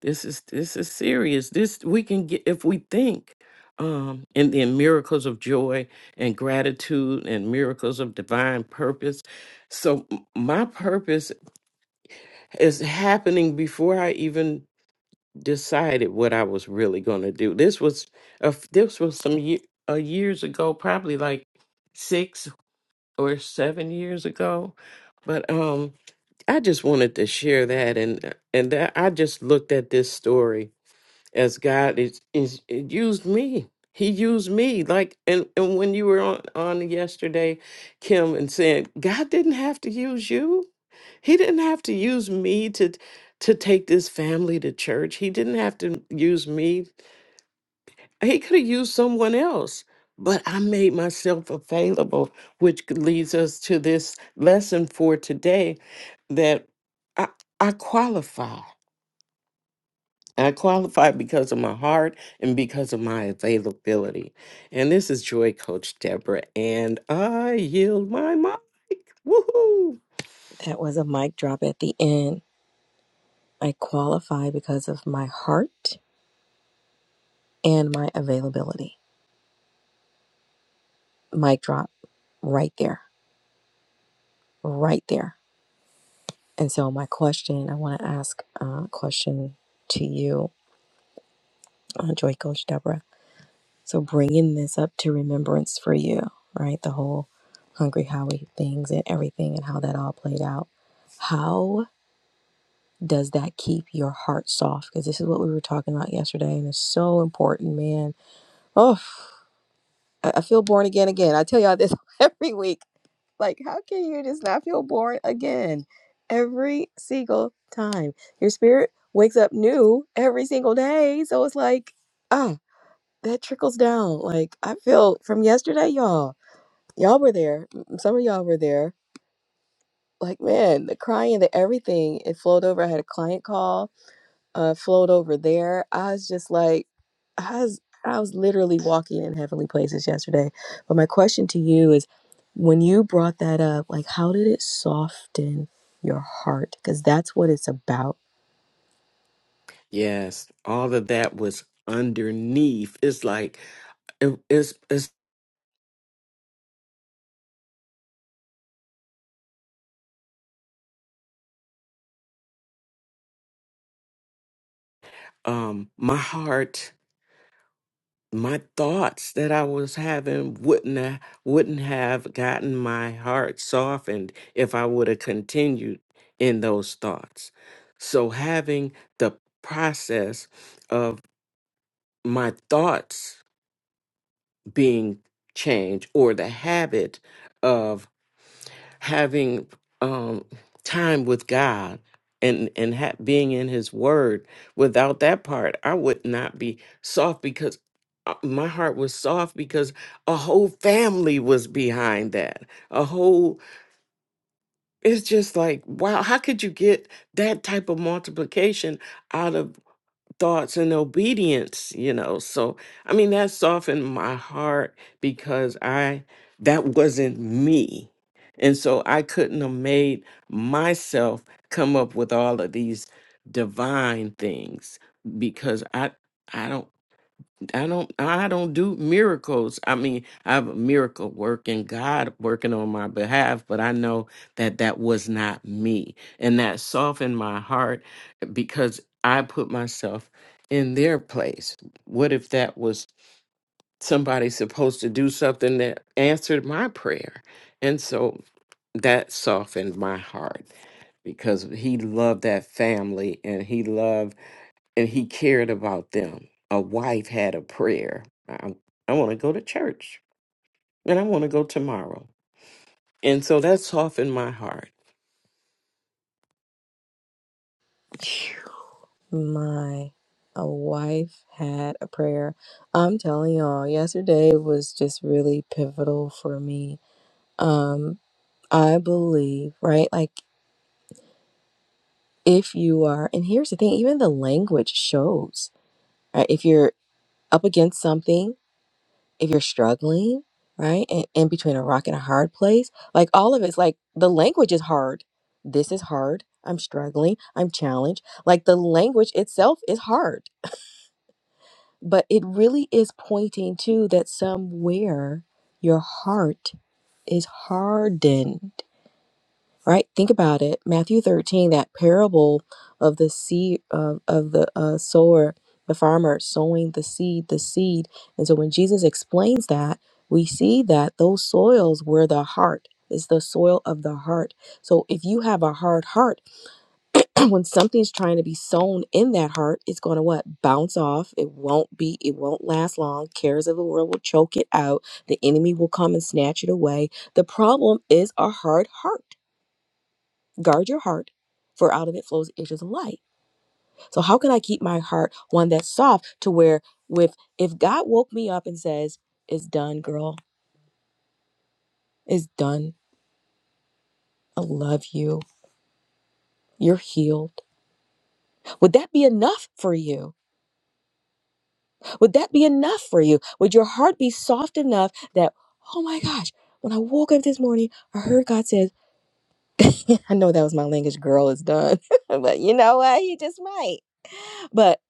S2: this is this is serious. This we can get if we think. Um, and then miracles of joy and gratitude and miracles of divine purpose. So m- my purpose is happening before I even decided what I was really going to do. This was a, f- this was some ye- uh, years ago, probably like six or seven years ago. But um, I just wanted to share that, and and that I just looked at this story as God is is it used me. He used me like and and when you were on on yesterday, Kim, and saying God didn't have to use you. He didn't have to use me to to take this family to church. He didn't have to use me. He could have used someone else. But I made myself available, which leads us to this lesson for today that I, I qualify. I qualify because of my heart and because of my availability. And this is Joy Coach Deborah, and I yield my mic. Woohoo!
S1: That was a mic drop at the end. I qualify because of my heart and my availability. Mic drop right there, right there And so, my question I want to ask a question to you, uh, Joy Coach Deborah. So, bringing this up to remembrance for you, right? The whole Hungry Howie things and everything and how that all played out. How does that keep your heart soft? Because this is what we were talking about yesterday, and it's so important, man. Oh, I I feel born again again. I tell y'all this every week Like, how can you just not feel born again every single time? Your spirit wakes up new every single day. So it's like, ah, that trickles down. Like, I feel from yesterday, y'all, y'all were there. M- Some of y'all were there. Like, man, the crying, the everything, it flowed over. I had a client call uh, flowed over there. I was just like, I was, I was literally walking in heavenly places yesterday. But my question to you is, when you brought that up, like, how did it soften your heart? Because that's what it's about.
S2: Yes, all of that was underneath. It's like it, it's it's um my heart, my thoughts that I was having wouldn't have, wouldn't have gotten my heart softened if I would have continued in those thoughts. So having the process my thoughts being changed or the habit of having um, time with God and and ha- being in His Word. Without that part, I would not be soft because uh, my heart was soft because a whole family was behind that. A whole it's just like wow, how could you get that type of multiplication out of thoughts and obedience you know so i mean that softened my heart because i that wasn't me and so i couldn't have made myself come up with all of these divine things because i i don't I don't I don't do miracles. I mean, I have a miracle work and God working on my behalf, but I know that that was not me. And that softened my heart eh, because I put myself in their place. What if that was somebody supposed to do something that answered my prayer? And so that softened my heart because he loved that family and he loved and he cared about them. A wife had a prayer. I, I want to go to church and I want to go tomorrow. And so that softened my heart.
S1: My, a wife had a prayer. I'm telling y'all, yesterday was just really pivotal for me. Um, I believe, right? Like, if you are, and here's the thing, even the language shows right? If you're up against something, if you're struggling, right? And in between a rock and a hard place, like all of it's like the language is hard. This is hard. I'm struggling. I'm challenged. Like the language itself is hard, but it really is pointing to that somewhere your heart is hardened right think about it matthew 13 that parable of the seed of, of the uh, sower the farmer sowing the seed the seed and so when jesus explains that we see that those soils were the heart It's the soil of the heart so if you have a hard heart when something's trying to be sown in that heart it's going to what bounce off it won't be it won't last long cares of the world will choke it out the enemy will come and snatch it away the problem is a hard heart Guard your heart, for out of it flows issues of life. So how can I keep my heart one that's soft to where with if God woke me up and says, It's done, girl, it's done. I love you. You're healed. Would that be enough for you? Would that be enough for you? Would your heart be soft enough that, oh my gosh, when I woke up this morning, I heard God says, I know that was my language, girl, it's done. but you know what? He just might. But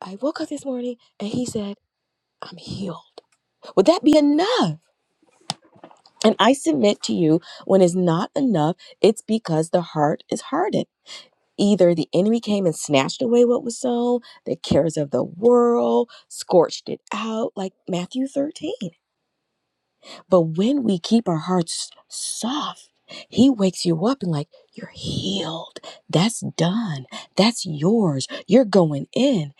S1: I woke up this morning and he said, I'm healed. Would that be enough? And I submit to you, when it's not enough, it's because the heart is hardened. Either the enemy came and snatched away what was sown, the cares of the world scorched it out, like Matthew 13. But when we keep our hearts soft, he wakes you up and, like, you're healed. That's done. That's yours. You're going in.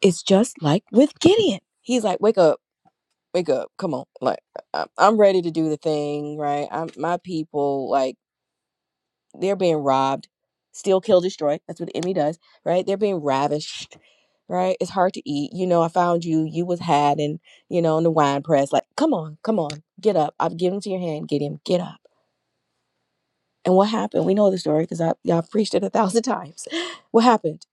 S1: It's just like with Gideon. He's like, wake up. wake up come on like I- i'm ready to do the thing right i'm my people like they're being robbed steal kill destroy that's what the enemy does right they're being ravished right it's hard to eat you know i found you you was had and you know in the wine press like come on come on get up i've given to your hand get him get up and what happened we know the story because i y'all preached it a thousand times what happened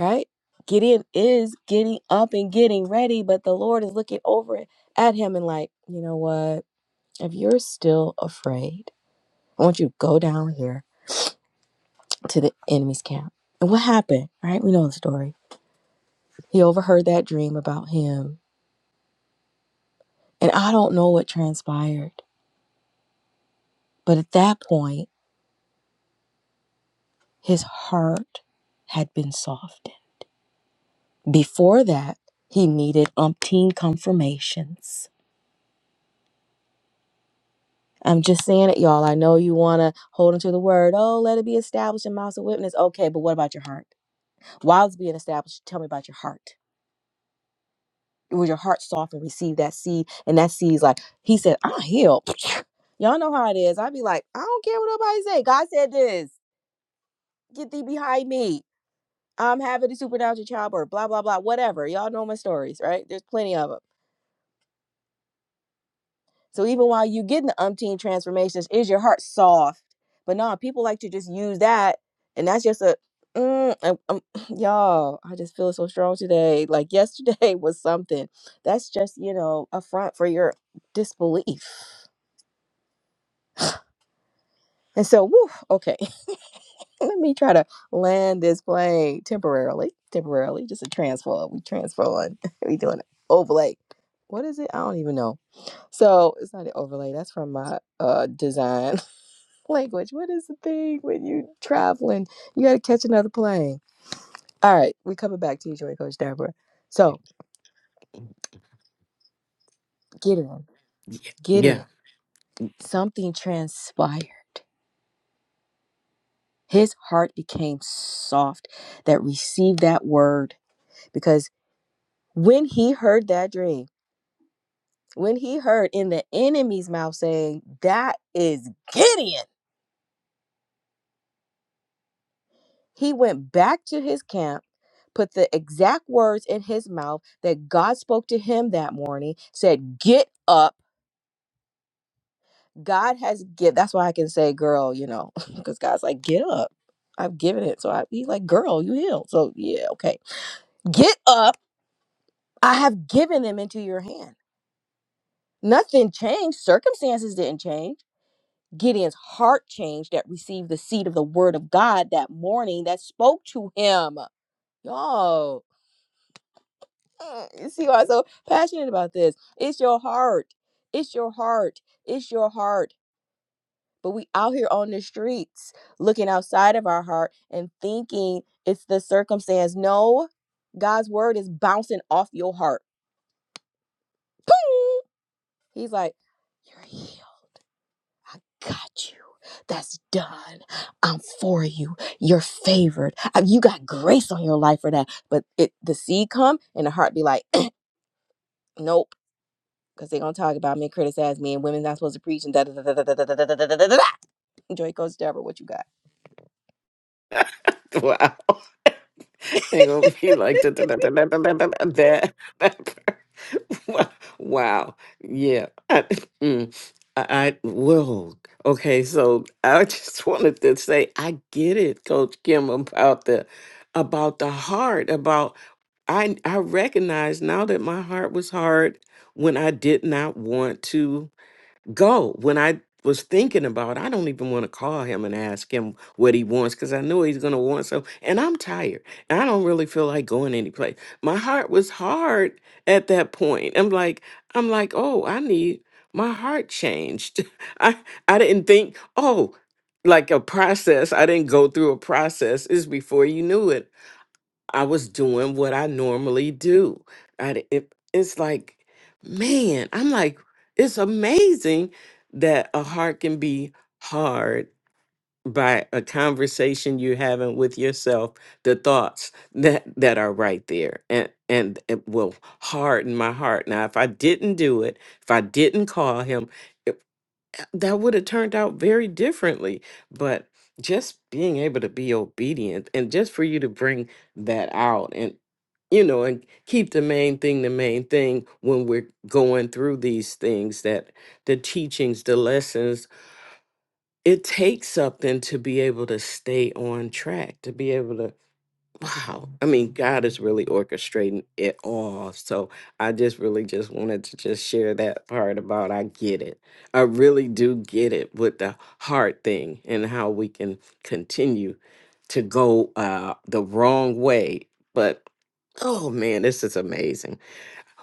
S1: right gideon is getting up and getting ready but the lord is looking over at him and like you know what If you're still afraid, I want you to go down here to the enemy's camp. And what happened, right? We know the story. He overheard that dream about him. And I don't know what transpired. But at that point, his heart had been softened. Before that, he needed umpteen confirmations. I'm just saying it, y'all. I know you want to hold into the word. Oh, let it be established in mouths of witness. Okay, but what about your heart? While it's being established, tell me about your heart. was your heart soft and receive that seed? And that seed's like, he said, I'm healed. Y'all know how it is. I'd be like, I don't care what nobody say. God said this. Get thee behind me. I'm having a supernatural childbirth, blah, blah, blah, whatever. Y'all know my stories, right? There's plenty of them. So even while you getting the umpteen transformations, is your heart soft? But no, people like to just use that, and that's just a mm, um, um, y'all. I just feel so strong today. Like yesterday was something. That's just you know a front for your disbelief. And so, woo, okay, let me try to land this plane temporarily, temporarily, just a transfer. We transferring. we doing it. overlay. What is it? I don't even know. So it's not an overlay. That's from my uh design. language. What is the thing when you traveling? You got to catch another plane. All right, we coming back to you, Joy Coach Deborah. So get in,
S2: Yeah.
S1: get in. Something transpired. His heart became soft that received that word because when he heard that dream, when he heard in the enemy's mouth saying, That is Gideon, he went back to his camp put the exact words in his mouth that God spoke to him that morning, said, Get up. God has give. That's why I can say, girl, you know, because God's like, get up. I've given it. So I, he's like, girl, you healed. So yeah, okay. Get up. I have given them into your hand. Nothing changed. Circumstances didn't change. Gideon's heart changed that received the seed of the word of God that morning that spoke to him. Y'all, mm, you see why I'm so passionate about this? It's your heart. It's your heart. It's your heart. but we out here on the streets looking outside of our heart and thinking it's the circumstance. No, God's word is bouncing off your heart. Boom! He's like, You're healed. I got you. That's done. I'm for you. You're favored. Uh, You got grace on your life for that. But it the seed come and the heart be like, nope. Because they're gonna talk about me and criticize me and women not supposed to preach and da da da da da da da da da da da da. da. Joy Coach Deborah, what you got?
S2: yeah. Wow. They're going to be like da- da- da- da- da- da- da- da- that. that part. wow. Yeah. I, mm, I, I, whoa. Okay. So I just wanted to say, I get it, Coach Kim, about the, about the heart, about. I I recognize now that my heart was hard when I did not want to go. When I was thinking about, I don't even want to call him and ask him what he wants because I know he's gonna want so. And I'm tired. And I don't really feel like going anyplace. My heart was hard at that point. I'm like, I'm like, oh, I need my heart changed. I I didn't think, oh, like a process. I didn't go through a process. It's before you knew it. I was doing what I normally do. I, d- it, it's like, man, I'm like, it's amazing that a heart can be hard by a conversation you're having with yourself, the thoughts that that are right there, and and it will harden my heart. Now, if I didn't do it, if I didn't call him that would have turned out very differently. But just being able to be obedient and just for you to bring that out and, you know, and keep the main thing the main thing when we're going through these things that the teachings, the lessons, it takes something to be able to stay on track, to be able to Wow. I mean, God is really orchestrating it all. So I just really just wanted to just share that part about I get it. I really do get it with the hard thing and how we can continue to go uh the wrong way. But oh man, this is amazing.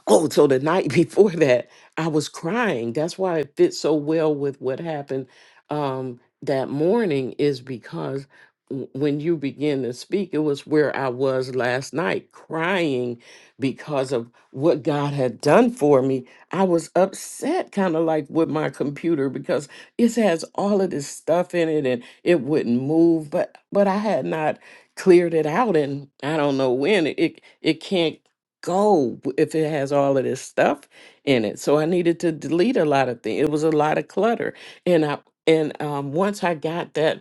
S2: Oh, so the night before that, I was crying. That's why it fits so well with what happened um, that morning, is because w- when you begin to speak, it was where I was last night, crying because of what God had done for me. I was upset, kind of like with my computer, because it has all of this stuff in it and it wouldn't move, but but I had not cleared it out and I don't know when it it, it can't go w- if it has all of this stuff in it. So I needed to delete a lot of things. It was a lot of clutter. And I and um once I got that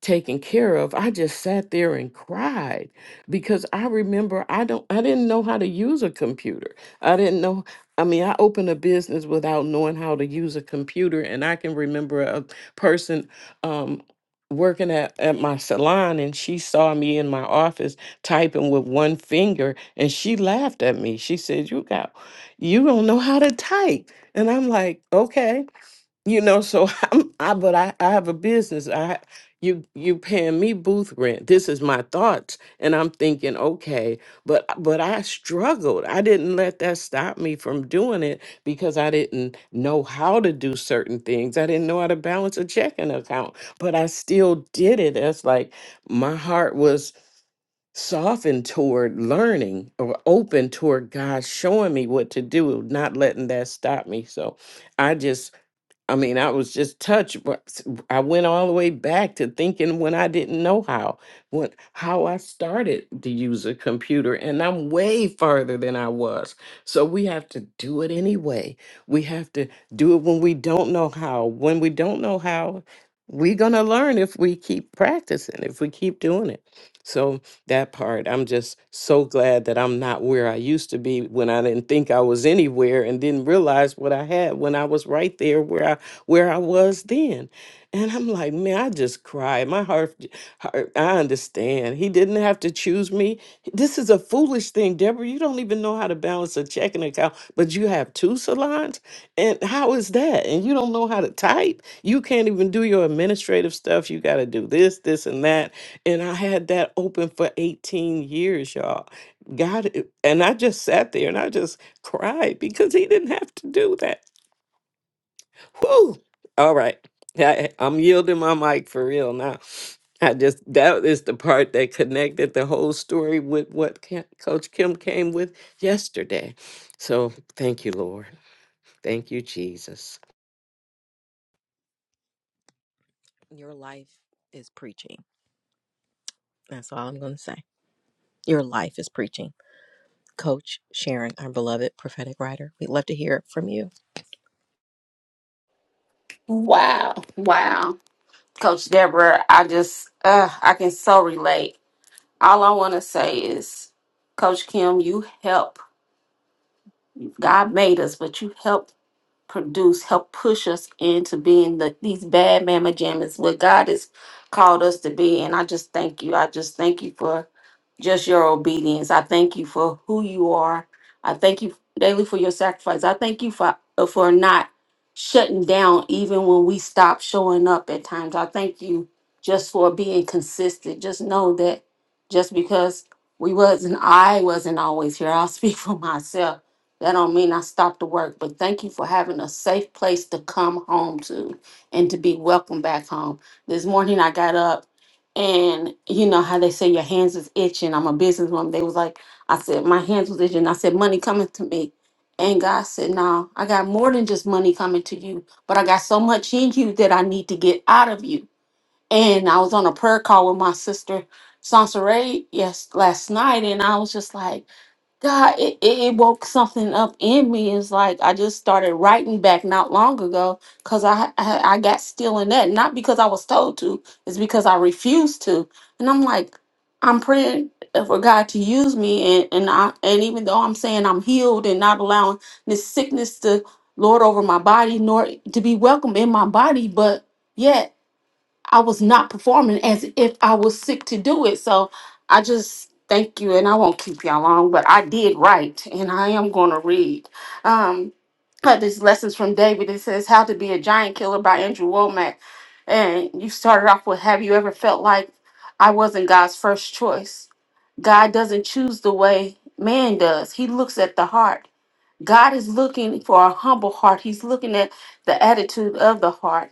S2: taken care of i just sat there and cried because i remember i don't i didn't know how to use a computer i didn't know i mean i opened a business without knowing how to use a computer and i can remember a person um working at, at my salon and she saw me in my office typing with one finger and she laughed at me she said you got you don't know how to type and i'm like okay you know so i'm i but i i have a business i you you paying me booth rent this is my thoughts and i'm thinking okay but but i struggled i didn't let that stop me from doing it because i didn't know how to do certain things i didn't know how to balance a checking account but i still did it that's like my heart was softened toward learning or open toward god showing me what to do not letting that stop me so i just I mean, I was just touched. but s- I went all the way back to thinking when I didn't know how, when how I started to use a computer, and I'm way farther than I was. So we have to do it anyway. We have to do it when we don't know how. When we don't know how, we're gonna learn if we keep practicing, if we keep doing it. So that part, I'm just so glad that I'm not where I used to be when I didn't think I was anywhere and didn't realize what I had when I was right there where I where I was then. And I'm like, man, I just cried. My heart, heart, I understand. He didn't have to choose me. This is a foolish thing, Deborah. You don't even know how to balance a checking account, but you have two salons? And how is that? And you don't know how to type? You can't even do your administrative stuff. You got to do this, this, and that. And I had that open for 18 years, y'all. God, it- and I just sat there and I just cried because he didn't have to do that. Whew. All right. Yeah, I, I'm yielding my mic for real now. I just, that is the part that connected the whole story with what Ca- Coach Kim came with yesterday. So thank you, Lord. Thank you, Jesus.
S1: Your life is preaching. That's all I'm going to say. Your life is preaching. Coach Sharon, our beloved prophetic writer, we'd love to hear from you.
S3: Wow. Wow. Coach Deborah, I just, uh, I can so relate. All I want to say is, Coach Kim, you help. God made us, but you help produce, help push us into being the, these bad mama jammies, what God has called us to be. And I just thank you. I just thank you for just your obedience. I thank you for who you are. I thank you daily for your sacrifice. I thank you for uh, for not shutting down even when we stop showing up at times. I thank you just for being consistent. Just know that just because we wasn't I wasn't always here. I'll speak for myself that don't mean I stopped to work, but thank you for having a safe place to come home to and to be welcome back home. This morning I got up and you know how they say your hands is itching. I'm a businesswoman. They was like, I said, my hands was itching. I said, money coming to me. And God said, No, I got more than just money coming to you, but I got so much in you that I need to get out of you. And I was on a prayer call with my sister Sansaray yes last night and I was just like God, it, it, it woke something up in me. It's like I just started writing back not long ago because I, I I got still in that. Not because I was told to, it's because I refused to. And I'm like, I'm praying for God to use me and, and I and even though I'm saying I'm healed and not allowing this sickness to lord over my body nor to be welcome in my body, but I was not performing as if I was sick to do it. So I just thank you, and I won't keep y'all long, but I did write, and I am going to read. Um, uh, this lessons from David. It says "How to Be a Giant Killer" by Andrew Womack, and you started off with "Have you ever felt like I wasn't God's first choice?" God doesn't choose the way man does. He looks at the heart. God is looking for a humble heart. He's looking at the attitude of the heart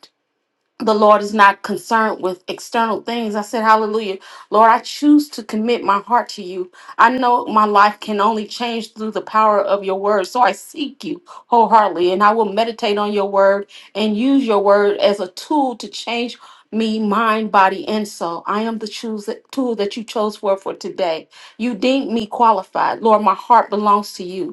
S3: the Lord is not concerned with external things. I said, Hallelujah. Lord, I choose to commit my heart to you. I know my life can only change through the power of your word. So I seek you wholeheartedly, and I will meditate on your word and use your word as a tool to change me, mind, body, and soul. I am the choose- tool that you chose for, for today. You deemed me qualified. Lord, my heart belongs to you.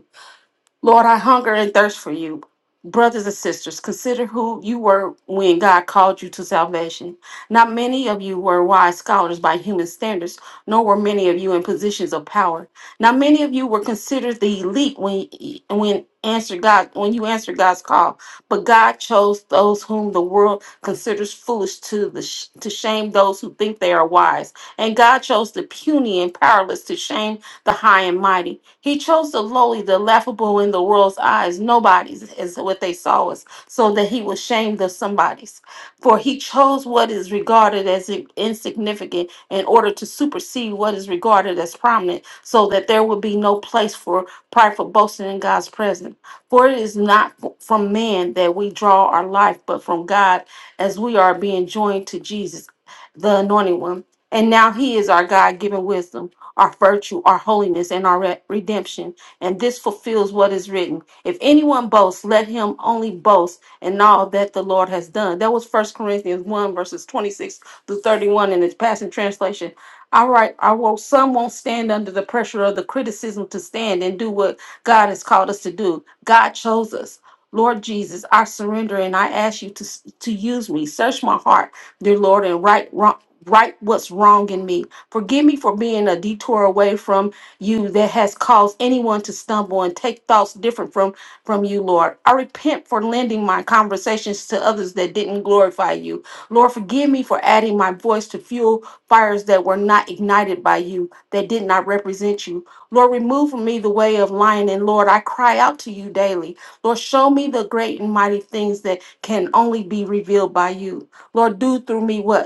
S3: Lord, I hunger and thirst for you. Brothers and sisters, consider who you were when God called you to salvation. Not many of you were wise scholars by human standards, nor were many of you in positions of power. Not many of you were considered the elite when when answered God when you answered God's call. But God chose those whom the world considers foolish to the sh- to shame those who think they are wise, and God chose the puny and powerless to shame the high and mighty. He chose the lowly, the laughable in the world's eyes. Nobody's is what they saw us, so that he was shamed of somebody's. For he chose what is regarded as insignificant in order to supersede what is regarded as prominent, so that there would be no place for prideful boasting in God's presence. For it is not from man that we draw our life, but from God as we are being joined to Jesus, the anointed one. And now he is our God given wisdom our virtue, our holiness, and our re- redemption. And this fulfills what is written. If anyone boasts, let him only boast in all that the Lord has done. That was First Corinthians 1, verses 26 through 31 in the Passion Translation. All right, I won't, some won't stand under the pressure of the criticism to stand and do what God has called us to do. God chose us. Lord Jesus, I surrender and I ask you to, to use me. Search my heart, dear Lord, and right, wrong, right what's wrong in me. Forgive me for being a detour away from you that has caused anyone to stumble and take thoughts different from, from you, Lord. I repent for lending my conversations to others that didn't glorify you. Lord, forgive me for adding my voice to fuel fires that were not ignited by you, that did not represent you. Lord, remove from me the way of lying, and Lord, I cry out to you daily. Lord, show me the great and mighty things that can only be revealed by you. Lord, do through me what?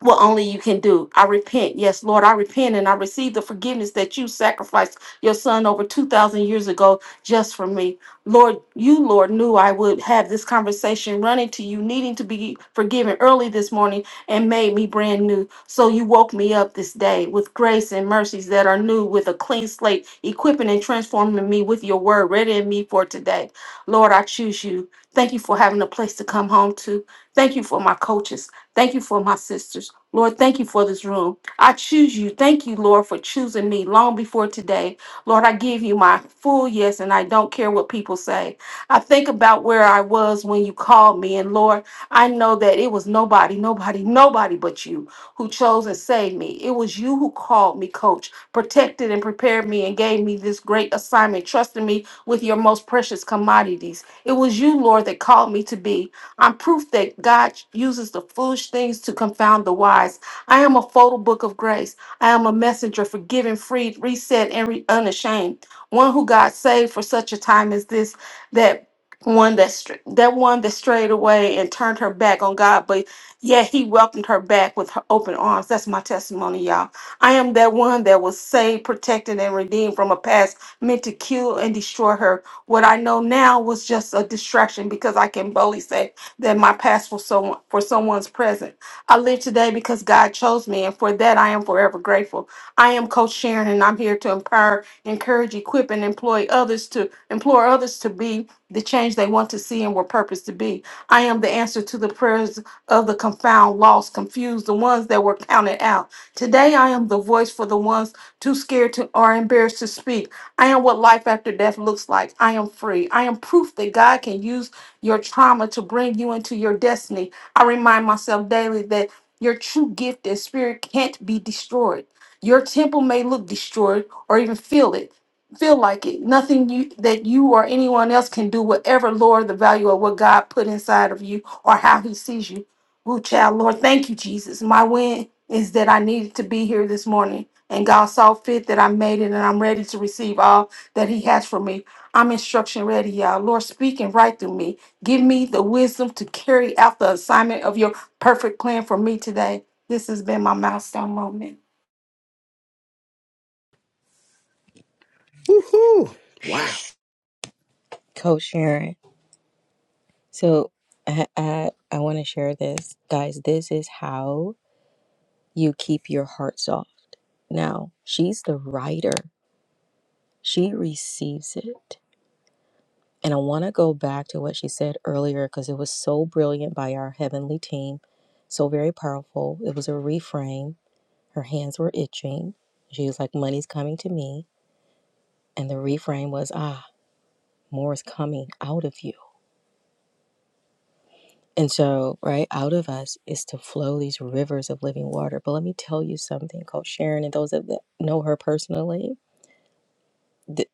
S3: what only you can do. I repent. Yes, Lord, I repent and I receive the forgiveness that you sacrificed your son over 2,000 years ago just for me. Lord, you, Lord, knew I would have this conversation running to you, needing to be forgiven early this morning and made me brand new. So you woke me up this day with grace and mercies that are new, with a clean slate, equipping and transforming me with your word, readying me for today. Lord, I choose you. Thank you for having a place to come home to. Thank you for my coaches. Thank you for my sisters. Lord, thank you for this room. I choose you. Thank you, Lord, for choosing me long before today. Lord, I give you my full yes, and I don't care what people say. I think about where I was when you called me, and Lord, I know that it was nobody, nobody, nobody but you who chose and saved me. It was you who called me, coach, protected and prepared me, and gave me this great assignment, trusting me with your most precious commodities. It was you, Lord, that called me to be. I'm proof that God uses the foolish things to confound the wise. I am a photo book of grace. I am a messenger, forgiven, freed, reset, and re- unashamed. One who God saved for such a time as this, that one that str- that one that strayed away and turned her back on God, but yet He welcomed her back with her open arms. That's my testimony, y'all. I am that one that was saved, protected, and redeemed from a past meant to kill and destroy her. What I know now was just a distraction because I can boldly say that my past was so for someone's present. I live today because God chose me, and for that I am forever grateful. I am Coach Sharon, and I'm here to empower, encourage, equip, and employ others to implore others to be the change they want to see and were purposed to be. I am the answer to the prayers of the confound, lost, confused, the ones that were counted out. Today I am the voice for the ones too scared to or embarrassed to speak. I am what life after death looks like. I am free. I am proof that God can use your trauma to bring you into your destiny. I remind myself daily that your true gift and spirit can't be destroyed. Your temple may look destroyed or even feel it, feel like it. Nothing you that you or anyone else can do whatever Lord, the value of what God put inside of you or how he sees you. Woo child, Lord, thank you, Jesus. My win is that I needed to be here this morning. And God saw fit that I made it and I'm ready to receive all that He has for me. I'm instruction ready, y'all. Lord, speaking right through me. Give me the wisdom to carry out the assignment of your perfect plan for me today. This has been my milestone moment.
S2: Woohoo! Wow.
S1: Coach Sharon. So I, I, I want to share this. Guys, this is how you keep your heart soft. Now, she's the writer, she receives it. And I want to go back to what she said earlier because it was so brilliant by our heavenly team, so very powerful. It was a reframe Her hands were itching. She was like, Money's coming to me. And the reframe was, Ah, more is coming out of you. And so, right out of us is to flow these rivers of living water. But let me tell you something, Coach Sharon, and those that know her personally, th-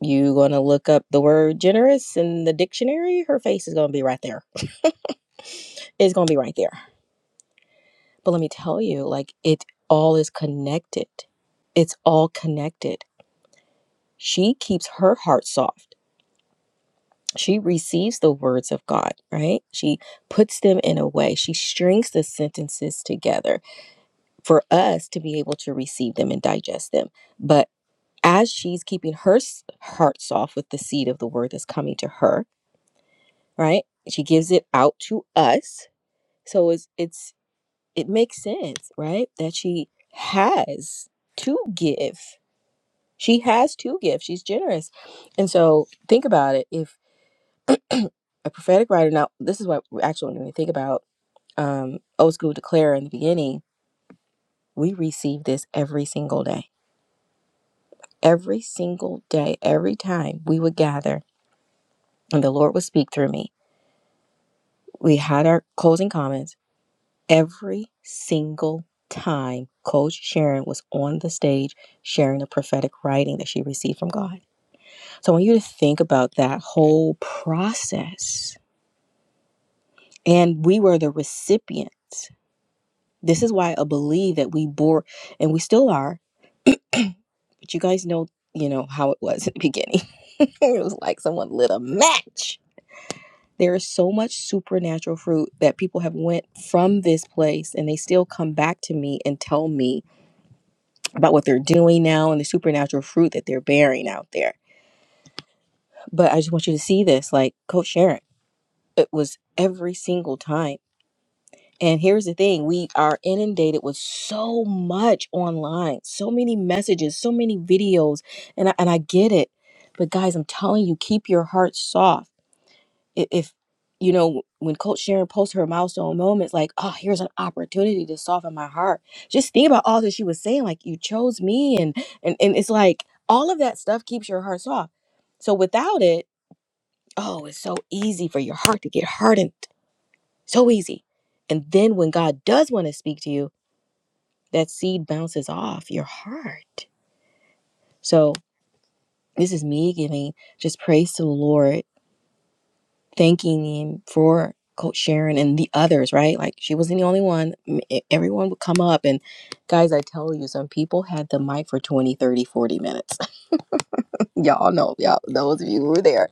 S1: you going to look up the word generous in the dictionary, her face is going to be right there. It's going to be right there. But let me tell you, like, it all is connected. It's all connected. She keeps her heart soft she receives the words of God, right? She puts them in a way, she strings the sentences together for us to be able to receive them and digest them. But as she's keeping her heart soft with the seed of the word that's coming to her, right? She gives it out to us. So it's it's it makes sense, right? That she has to give. She has to give. She's generous. And so think about it. If a prophetic writer, now this is what we actually need to think about um, Old School Declare in the beginning, we received this every single day. Every single day, every time we would gather and the Lord would speak through me. We had our closing comments every single time. Coach Sharon was on the stage sharing the prophetic writing that she received from God. So I want you to think about that whole process. And we were the recipients. This is why I believe that we bore, and we still are, But you guys know, you know, how it was in the beginning. it was like someone lit a match. There is so much supernatural fruit that people have went from this place and they still come back to me and tell me about what they're doing now and the supernatural fruit that they're bearing out there. But I just want you to see this, like Coach Sharon. It was every single time. And here's the thing we are inundated with so much online, so many messages, so many videos. And I, and I get it. But guys, I'm telling you, keep your heart soft. I- If, you know, when Coach Sharon posts her milestone moments, like, oh, here's an opportunity to soften my heart. Just think about all that she was saying, like, you chose me. And, and, and it's like all of that stuff keeps your heart soft. So without it, oh, it's so easy for your heart to get hardened. So easy. And then when God does want to speak to you, that seed bounces off your heart. So this is me giving just praise to the Lord, thanking Him for Coach Sharon and the others, right? Like she wasn't the only one. e- Everyone would come up and guys, I tell you, some people had the mic for 20, 30, 40 minutes. y'all know, y'all, those of you who were there,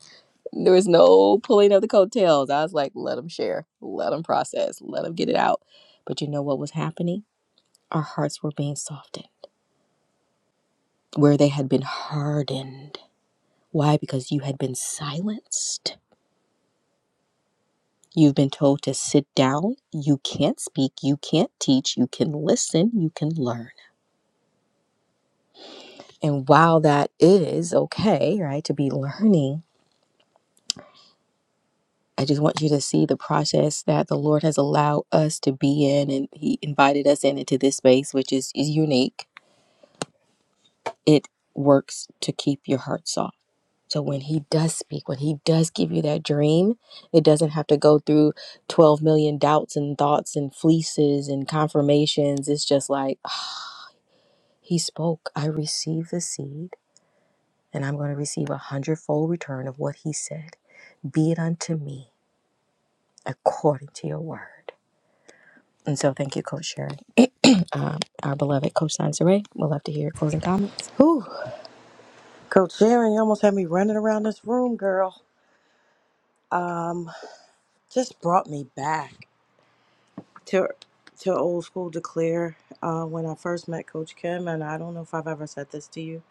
S1: there was no pulling of the coattails. I was like, let them share, let them process, let them get it out. But you know what was happening? Our hearts were being softened where they had been hardened Why? Because you had been silenced. You've been told to sit down. You can't speak. You can't teach. You can listen. You can learn. And while that is okay, right, to be learning, I just want you to see the process that the Lord has allowed us to be in. And He invited us in into this space, which is, is unique. It works to keep your heart soft So when he does speak, when he does give you that dream, it doesn't have to go through 12 million doubts and thoughts and fleeces and confirmations. It's just like, "Ah, he spoke. I received the seed, and I'm going to receive a hundredfold return of what he said. Be it unto me according to your word. And so thank you, Coach Sharon. um, our beloved Coach Sansere. We'll love to hear your closing comments.
S4: Whew. Coach Sharon, you almost had me running around this room, girl. Just brought me back to to old school declare uh, when I first met Coach Kim, and I don't know if I've ever said this to you,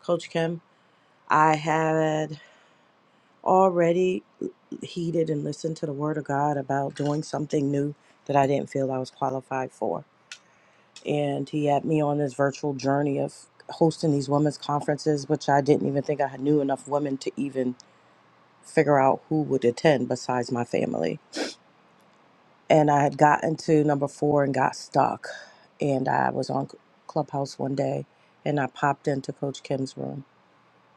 S4: Coach Kim. I had already heeded and listened to the Word of God about doing something new that I didn't feel I was qualified for, and He had me on this virtual journey of hosting these women's conferences, which I didn't even think I knew enough women to even figure out who would attend besides my family. And I had gotten to number four and got stuck. And I was on Clubhouse one day and I popped into Coach Kim's room.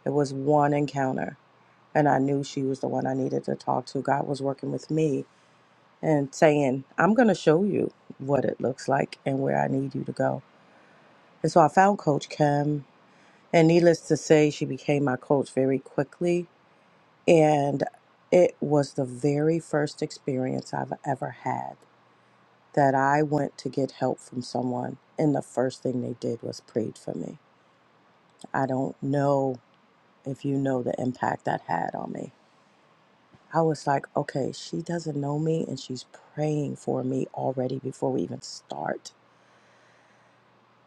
S4: It was one encounter. And I knew she was the one I needed to talk to. God was working with me and saying, I'm going to show you what it looks like and where I need you to go. And so I found Coach Kim. And needless to say, she became my coach very quickly And it was the very first experience I've ever had that I went to get help from someone, and the first thing they did was prayed for me. I don't know if you know the impact that had on me. I was like, okay, she doesn't know me, and she's praying for me already before we even start.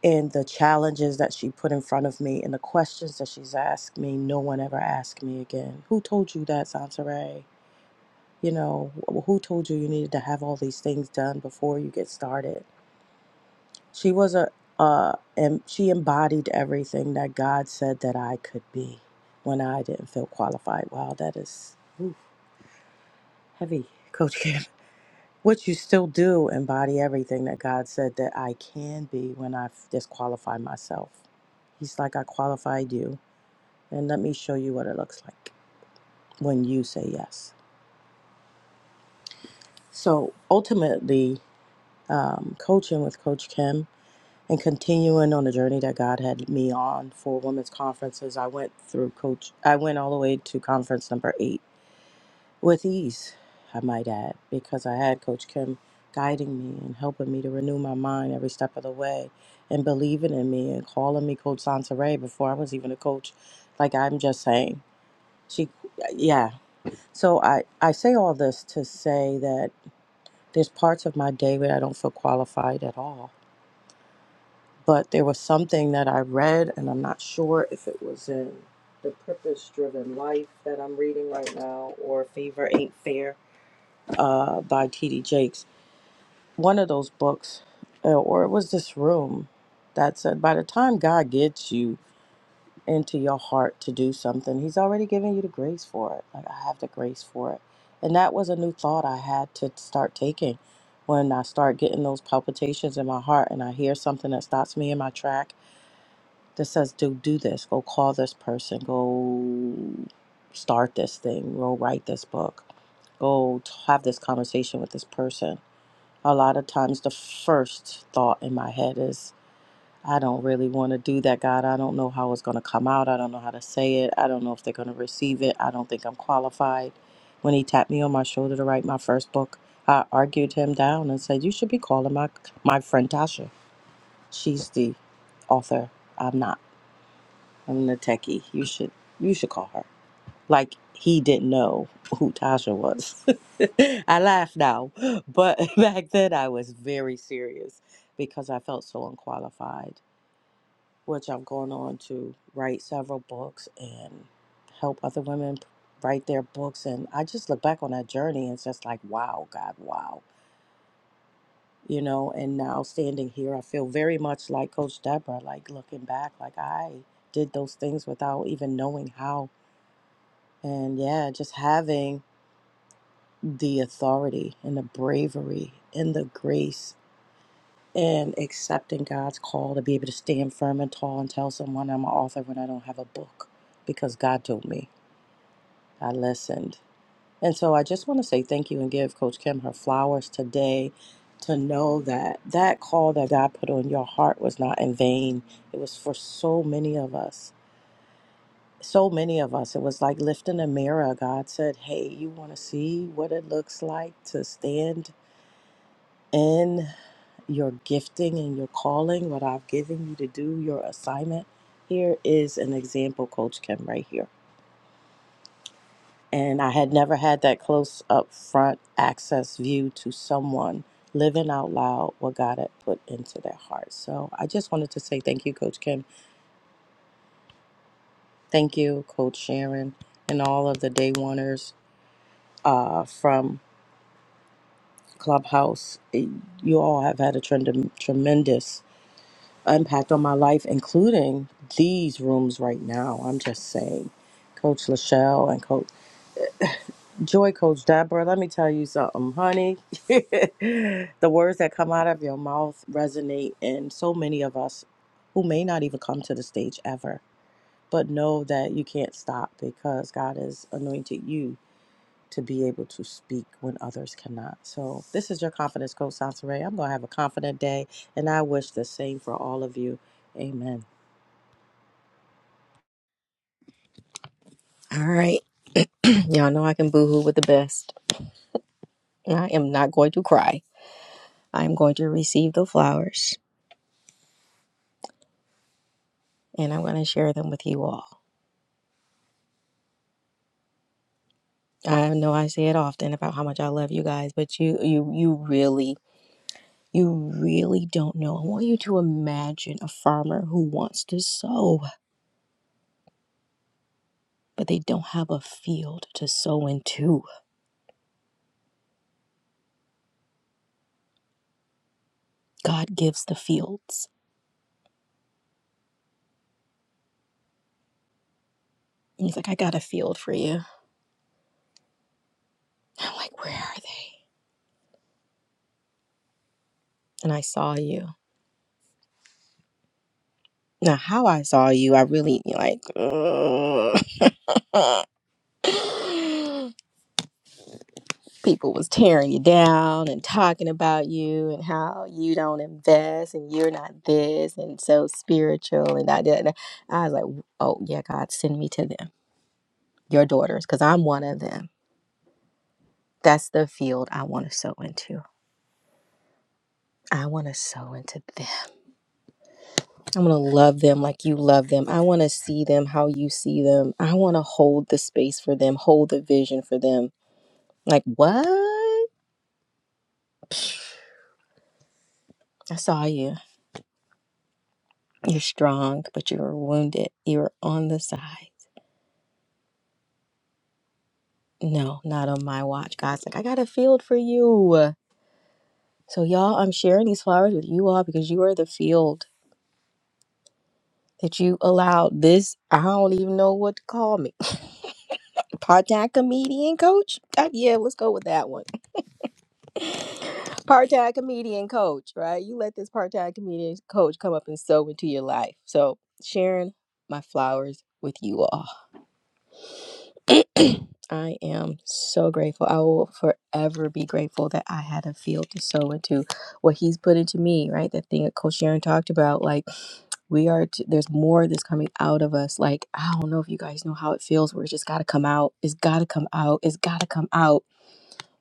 S4: And the challenges that she put in front of me and the questions that she's asked me, no one ever asked me again. Who told you that, Sansaray? You know, wh- who told you you needed to have all these things done before you get started? She was a, uh, and she embodied everything that God said that I could be when I didn't feel qualified. Wow, that is oof, heavy, Coach Kim. Which you still do embody everything that God said that I can be when I disqualify myself. He's like, I qualified you, and let me show you what it looks like when you say yes. So ultimately, um, coaching with Coach Kim and continuing on the journey that God had me on for women's conferences. I went through coach, I went all the way to conference number eight with ease, I might add, because I had Coach Kim guiding me and helping me to renew my mind every step of the way and believing in me and calling me Coach Sansaray before I was even a coach. Like I'm just saying, she, yeah. So I, I say all this to say that there's parts of my day where I don't feel qualified at all but there was something that I read, and I'm not sure if it was in the Purpose Driven Life that I'm reading right now or Favor Ain't Fair uh, by T.D. Jakes. One of those books, uh, or it was this room that said, by the time God gets you into your heart to do something, He's already given you the grace for it. Like, I have the grace for it. And that was a new thought I had to start taking when I start getting those palpitations in my heart and I hear something that stops me in my track that says, "Do do this. Go call this person. Go start this thing. Go write this book. Go have this conversation with this person." A lot of times, the first thought in my head is, "I don't really want to do that, God. I don't know how it's going to come out. I don't know how to say it. I don't know if they're going to receive it. I don't think I'm qualified." When he tapped me on my shoulder to write my first book, I argued him down and said, "You should be calling my my friend Tasha. She's the author. I'm not." I'm the techie. You should you should call her. Like he didn't know who Tasha was. I laugh now, but back then I was very serious because I felt so unqualified. Which I'm going on to write several books and help other women write their books. And I just look back on that journey and it's just like, wow, God, wow. You know, and now standing here, I feel very much like Coach Deborah, like looking back, like I did those things without even knowing how And yeah, just having the authority and the bravery and the grace and accepting God's call to be able to stand firm and tall and tell someone I'm an author when I don't have a book because God told me. I listened. And so I just want to say thank you and give Coach Kim her flowers today to know that that call that God put on your heart was not in vain. It was for so many of us so many of us, it was like lifting a mirror. God said, Hey, you want to see what it looks like to stand in your gifting and your calling, what I've given you to do, your assignment? Here is an example, Coach Kim, right here. And I had never had that close up front access view to someone living out loud what God had put into their heart. So I just wanted to say thank you, Coach Kim. Thank you, Coach Sharon, and all of the day oneers uh, from Clubhouse, it- you all have had a trend, um, tremendous impact on my life, including these rooms right now. I'm just saying. Coach Lachelle and Coach Joy, Coach Deborah, let me tell you something, honey. the words that come out of your mouth resonate in so many of us who may not even come to the stage ever, but know that you can't stop because God has anointed you to be able to speak when others cannot. So, this is your confidence coach, Santeray. I'm going to have a confident day, and I wish the same for all of you. Amen.
S1: All right. Y'all know I can boohoo with the best. I am not going to cry. I am going to receive the flowers. and I'm going to share them with you all. I know I say it often about how much I love you guys, but you you you really you really don't know. I want you to imagine a farmer who wants to sow, but they don't have a field to sow into. God gives the fields. And he's like, I got a field for you. I'm like, where are they? And I saw you. Now, how I saw you, I really like. uh, people was tearing you down and talking about you and how you don't invest and you're not this and so spiritual and I did I was like, oh yeah, God, send me to them, your daughters, because I'm one of them. That's the field I want to sow into. I want to sow into them. I want to love them like you love them. I want to see them how you see them. I want to hold the space for them, hold the vision for them. Like, what? I saw you. You're strong, but you were wounded. You were on the side. No, not on my watch. God's like, I got a field for you. So, y'all, I'm sharing these flowers with you all because you are the field that you allowed this. I don't even know what to call me. Part time comedian coach? Uh, yeah, let's go with that one. Part time comedian coach, right? You let this part time comedian coach come up and sow into your life. So, sharing my flowers with you all. I am so grateful. I will forever be grateful that I had a field to sow into what he's put into me, right? That thing that Coach Sharon talked about. Like, we are, t- there's more that's coming out of us. Like, I don't know if you guys know how it feels where it's just got to come out. It's got to come out. It's got to come out.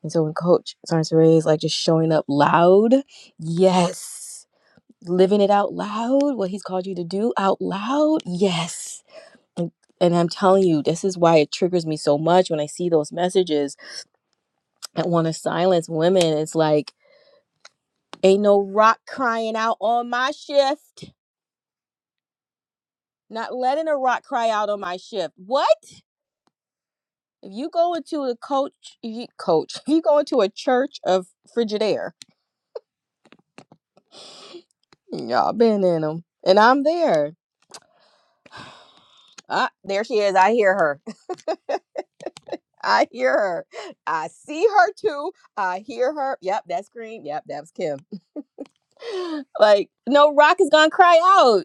S1: And so when Coach Sarnes Ray is like just showing up loud, yes. Living it out loud, what he's called you to do out loud, yes and and I'm telling you, this is why it triggers me so much when I see those messages that want to silence women. It's like, ain't no rock crying out on my shift. Not letting a rock cry out on my shift. What? If you go into a coach, you, coach, if you go into a church of Frigidaire, y'all been in them, and I'm there. Ah, there she is. I hear her. I hear her. I see her too. I hear her. Yep, that scream. Yep, that was Kim. like no rock is gonna cry out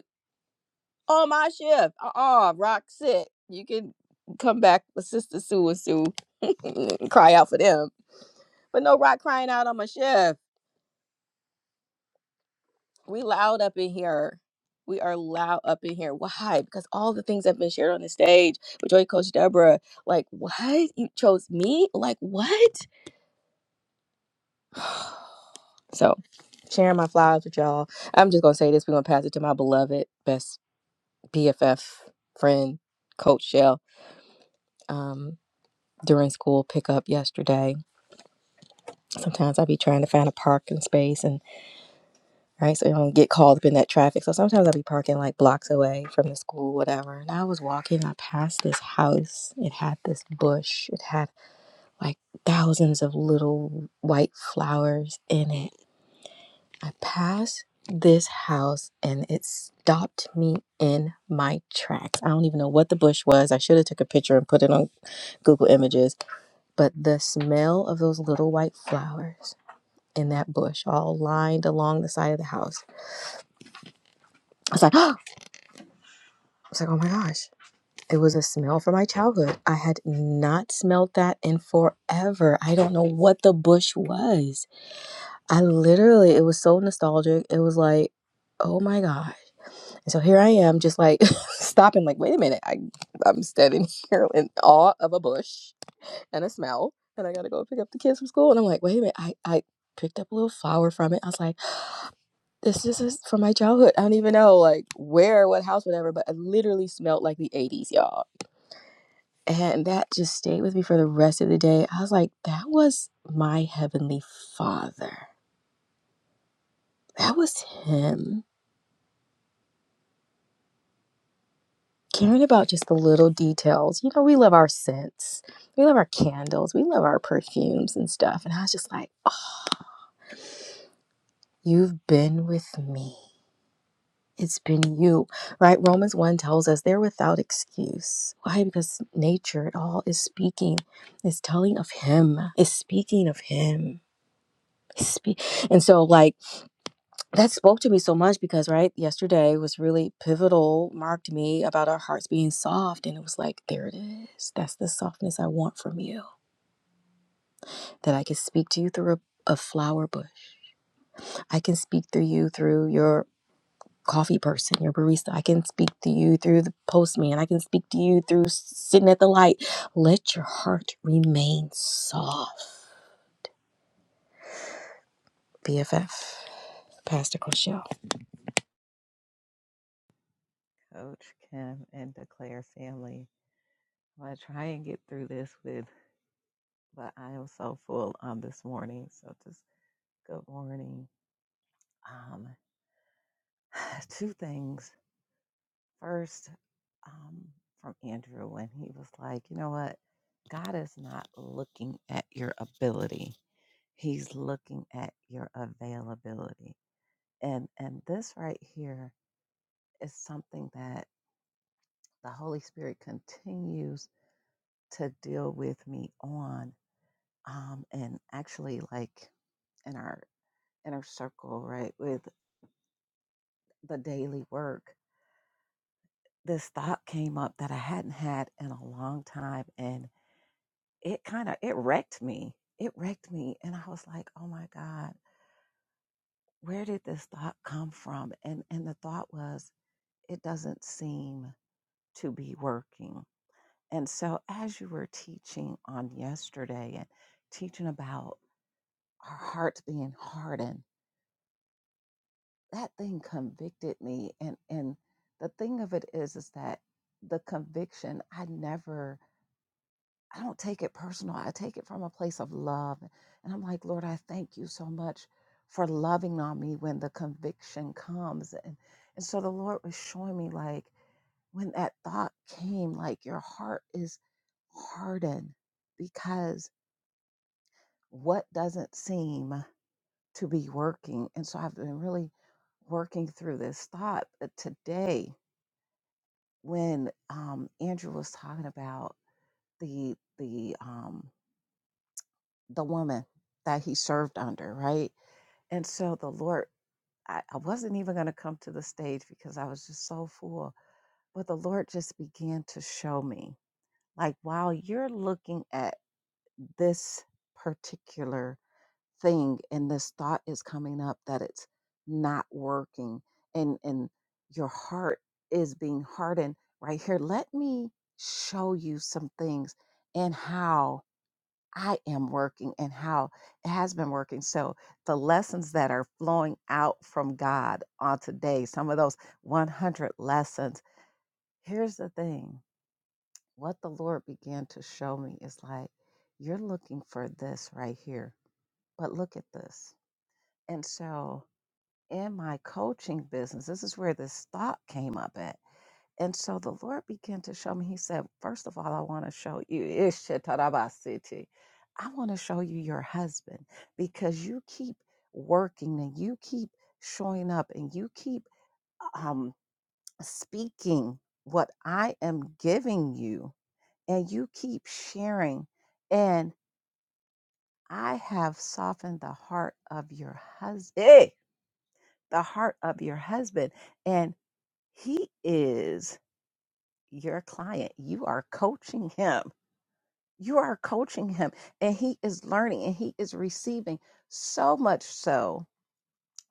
S1: on my shift. Uh uh Rock sick. You can come back with Sister Sue and Sue cry out for them. But no Rock crying out on my shift. We loud up in here. We are loud up in here. Why? Because all the things that have been shared on the stage with Joy Coach Deborah, like, what? You chose me? Like, what? So, sharing my flowers with y'all. I'm just going to say this. We're going to pass it to my beloved best BFF friend, Coach Shell. Um, during school pickup yesterday. Sometimes I'll be trying to find a parking space and right, so you don't get called up in that traffic. So sometimes I'll be parking like blocks away from the school, whatever. And I was walking, I passed this house. It had this bush. It had like thousands of little white flowers in it. I passed this house and it stopped me in my tracks. I don't even know what the bush was. I should have took a picture and put it on Google Images, but the smell of those little white flowers in that bush, all lined along the side of the house. I was like, oh, I was like, oh my gosh. It was a smell from my childhood. I had not smelled that in forever. I don't know what the bush was. I literally, it was so nostalgic. It was like, oh my gosh. And so here I am, just like stopping, like, wait a minute. I, I'm standing here in awe of a bush and a smell. And I gotta go pick up the kids from school. And I'm like, wait a minute. I, I picked up a little flower from it. I was like, this is is from my childhood. I don't even know like where, what house, whatever, but it literally smelled like the 80s, y'all. And that just stayed with me for the rest of the day. I was like, that was my heavenly father. That was him. Caring about just the little details. You know, we love our scents. We love our candles. We love our perfumes and stuff. And I was just like, oh, you've been with me. It's been you, right? Romans 1 tells us they're without excuse. Why? Because nature at all is speaking, is telling of Him, is speaking of Him. Spe- And so, like, that spoke to me so much because, right, yesterday was really pivotal, marked me about our hearts being soft. And it was like, there it is. That's the softness I want from you, that I can speak to you through a a flower bush. I can speak through you through your coffee person, your barista. I can speak to you through the postman. I can speak to you through sitting at the light. Let your heart remain soft. BFF, Pastor Cochelle.
S5: Coach Kim and Declare family. I'm going to try and get through this with, but I am so full on this morning. So just good morning. Um, two things. First, um, from Andrew when he was like, you know what? God is not looking at your ability. He's looking at your availability. And and this right here is something that the Holy Spirit continues to deal with me on um, and actually like in our inner circle right with the daily work this thought came up that i hadn't had in a long time and it kind of it wrecked me it wrecked me and i was like oh my god where did this thought come from and and the thought was it doesn't seem to be working and so as you were teaching on yesterday and teaching about our hearts being hardened that thing convicted me and and the thing of it is is that the conviction i never i don't take it personal i take it from a place of love and i'm like lord i thank you so much for loving on me when the conviction comes and and so the lord was showing me like when that thought came like your heart is hardened because what doesn't seem to be working. And so I've been really working through this thought But today when um, Andrew was talking about the the um, the woman that he served under, right? And so the Lord, I, I wasn't even going to come to the stage because I was just so full. But the Lord just began to show me, like, while you're looking at this particular thing and this thought is coming up that it's not working and and your heart is being hardened right here let me show you some things and how i am working and how it has been working so the lessons that are flowing out from god on today some of those 100 lessons here's the thing what the lord began to show me is like you're looking for this right here but look at this and so in my coaching business, this is where this thought came up at. And so the Lord began to show me, He said, First of all, I want to show you, Ishitarabasiti. I want to show you your husband because you keep working and you keep showing up and you keep um, speaking what I am giving you and you keep sharing. And I have softened the heart of your husband, the heart of your husband. And He is your client. You are coaching him. You are coaching him, and he is learning and he is receiving so much so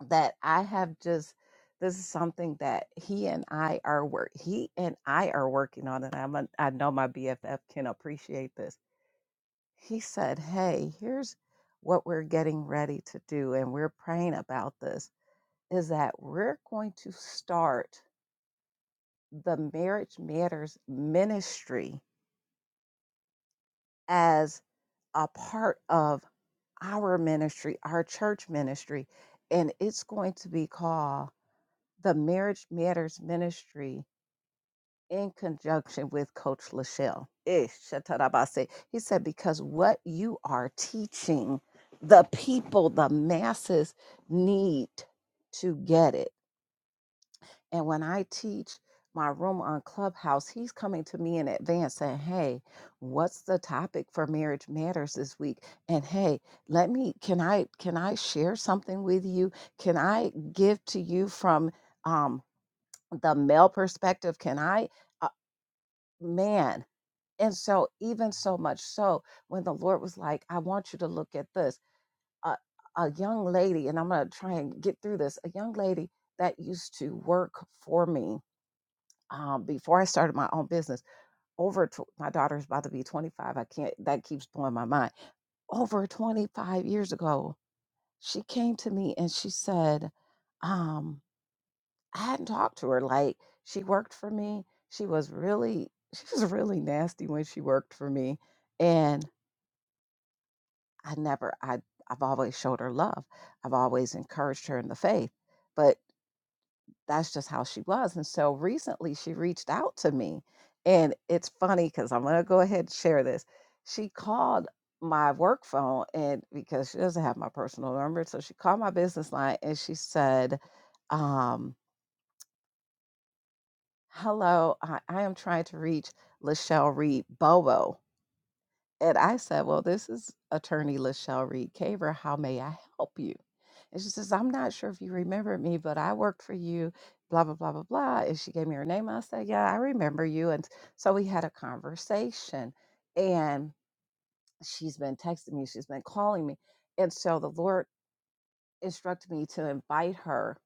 S5: that I have just this is something that he and I are work he and I are working on, and I'm a, I know my BFF can appreciate this. He said, "Hey, here's what we're getting ready to do, and we're praying about this. Is that we're going to start the Marriage Matters Ministry." as a part of our ministry, our church ministry, and it's going to be called the Marriage Matters Ministry in conjunction with Coach Lachelle. Eh, Shatarabase. He said, because what you are teaching, the people, the masses need to get it. And when I teach my room on Clubhouse, he's coming to me in advance saying, Hey, what's the topic for Marriage Matters this week? And hey, let me can I can I share something with you? Can I give to you from um the male perspective? Can I uh, man? And so even so much so when the Lord was like, I want you to look at this. A, a young lady, and I'm gonna try and get through this, a young lady that used to work for me um, before I started my own business, over tw- my daughter's about to be 25. I can't, that keeps blowing my mind. Over 25 years ago, she came to me and she said, um, I hadn't talked to her. Like, she worked for me. She was really, she was really nasty when she worked for me. And I never, I, I've always showed her love. I've always encouraged her in the faith. But that's just how she was. And so recently she reached out to me. And it's funny because I'm going to go ahead and share this. She called my work phone, and because she doesn't have my personal number, so she called my business line and she said, um, Hello, I, I am trying to reach Lachelle Reed Bobo. And I said, Well, this is attorney Lachelle Reed Caver. How may I help you? And she says, I'm not sure if you remember me, but I worked for you, blah, blah, blah, blah, blah. And she gave me her name. I said, Yeah, I remember you. And so we had a conversation. And she's been texting me, she's been calling me. And so the Lord instructed me to invite her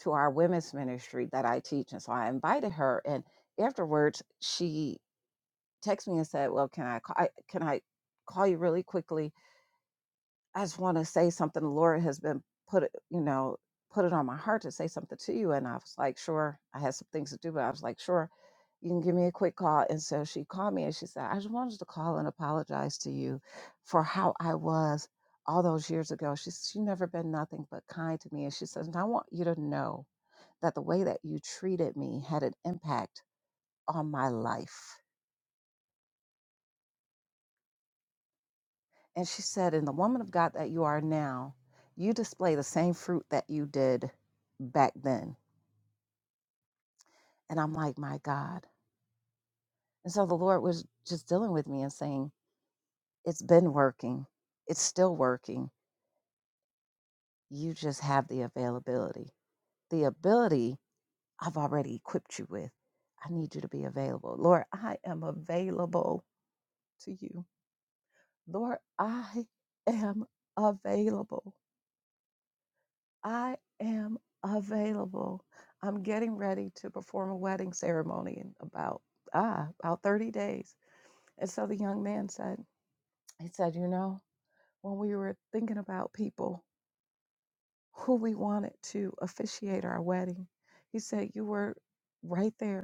S5: to our women's ministry that I teach. And so I invited her. And afterwards, she texted me and said, Well, can I, call, I can I call you really quickly? I just want to say something. The Lord has been put, it- you know, put it on my heart to say something to you. And I was like, sure, I had some things to do, but I was like, sure, you can give me a quick call. And so she called me and she said, I just wanted to call and apologize to you for how I was all those years ago. She's she said, "You've never been nothing but kind to me. And she says, and I want you to know that the way that you treated me had an impact on my life And she said, In the woman of God that you are now, you display the same fruit that you did back then. And I'm like, My God. And so the Lord was just dealing with me and saying, It's been working, it's still working. You just have the availability. The ability I've already equipped you with. I need you to be available. Lord, I am available to you. Lord, I am available. I am available. I'm getting ready to perform a wedding ceremony in about ah about 30 days. And so the young man said, he said, you know, when we were thinking about people who we wanted to officiate our wedding, he said, you were right there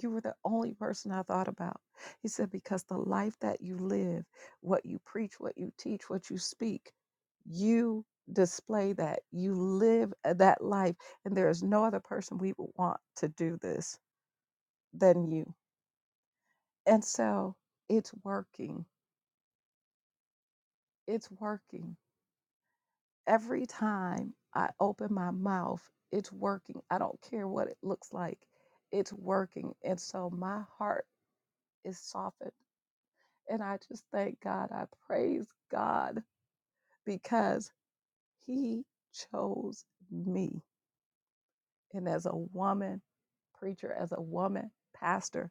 S5: you were the only person I thought about. He said, because the life that you live, what you preach, what you teach, what you speak, you display that. You live uh, that life. And there is no other person we would want to do this than you. And so it's working. It's working. Every time I open my mouth, it's working. I don't care what it looks like. It's working. And so my heart is softened And I just thank God. I praise God because He chose me. And as a woman preacher, as a woman pastor,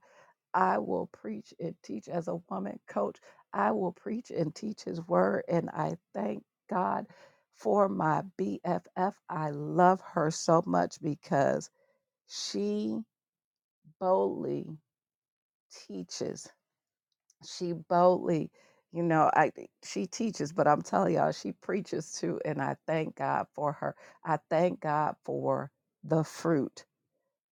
S5: I will preach and teach. As a woman coach, I will preach and teach His word. And I thank God for my BFF. I love her so much because she boldly teaches she boldly, you know, I she teaches, but I'm telling y'all, she preaches too, and I thank God for her. I thank God for the fruit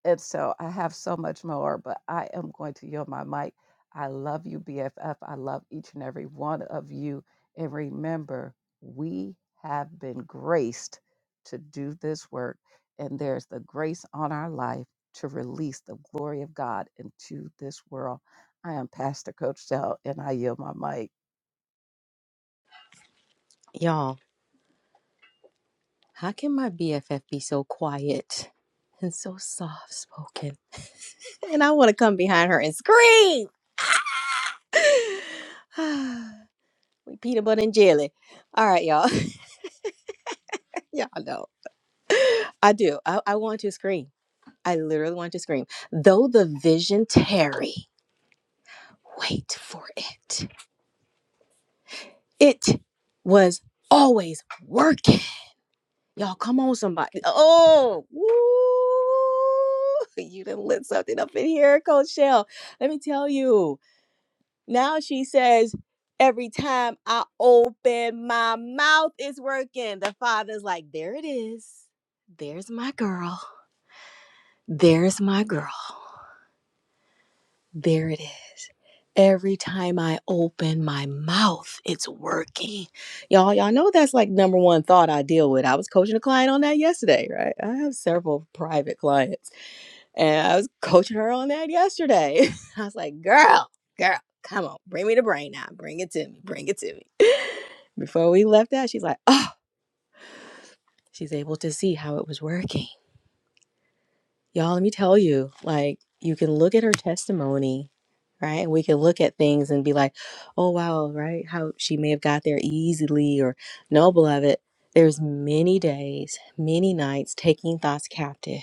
S5: and so I have so much more, but I am going to yield my mic. I love you, BFF. I love each and every one of you. And remember, we have been graced to do this work, and there's the grace on our life to release the glory of God into this world. I am Pastor Coach Dell, and I yield my mic.
S1: Y'all, how can my BFF be so quiet and so soft spoken? And I want to come behind her and scream. we peanut butter and jelly. All right, y'all. y'all know. I do. I, I want to scream. I literally want to scream. Though the vision tarry. wait for it. It was always working. Y'all, come on, somebody. Oh, woo. You done lit something up in here, Coach Shell. Let me tell you. Now she says, every time I open my mouth, it's working. The father's like, there it is. There's my girl. There's my girl. There it is. Every time I open my mouth, it's working. Y'all, y'all know that's like number one thought I deal with. I was coaching a client on that yesterday, right? I have several private clients, and I was coaching her on that yesterday. I was like, girl, girl, come on, bring me the brain now. Bring it to me. Bring it to me. Before we left out, she's like, oh, she's able to see how it was working. Y'all, let me tell you, like, you can look at her testimony, right? And we can look at things and be like, oh, wow, right? How she may have got there easily or no, beloved. There's many days, many nights taking thoughts captive,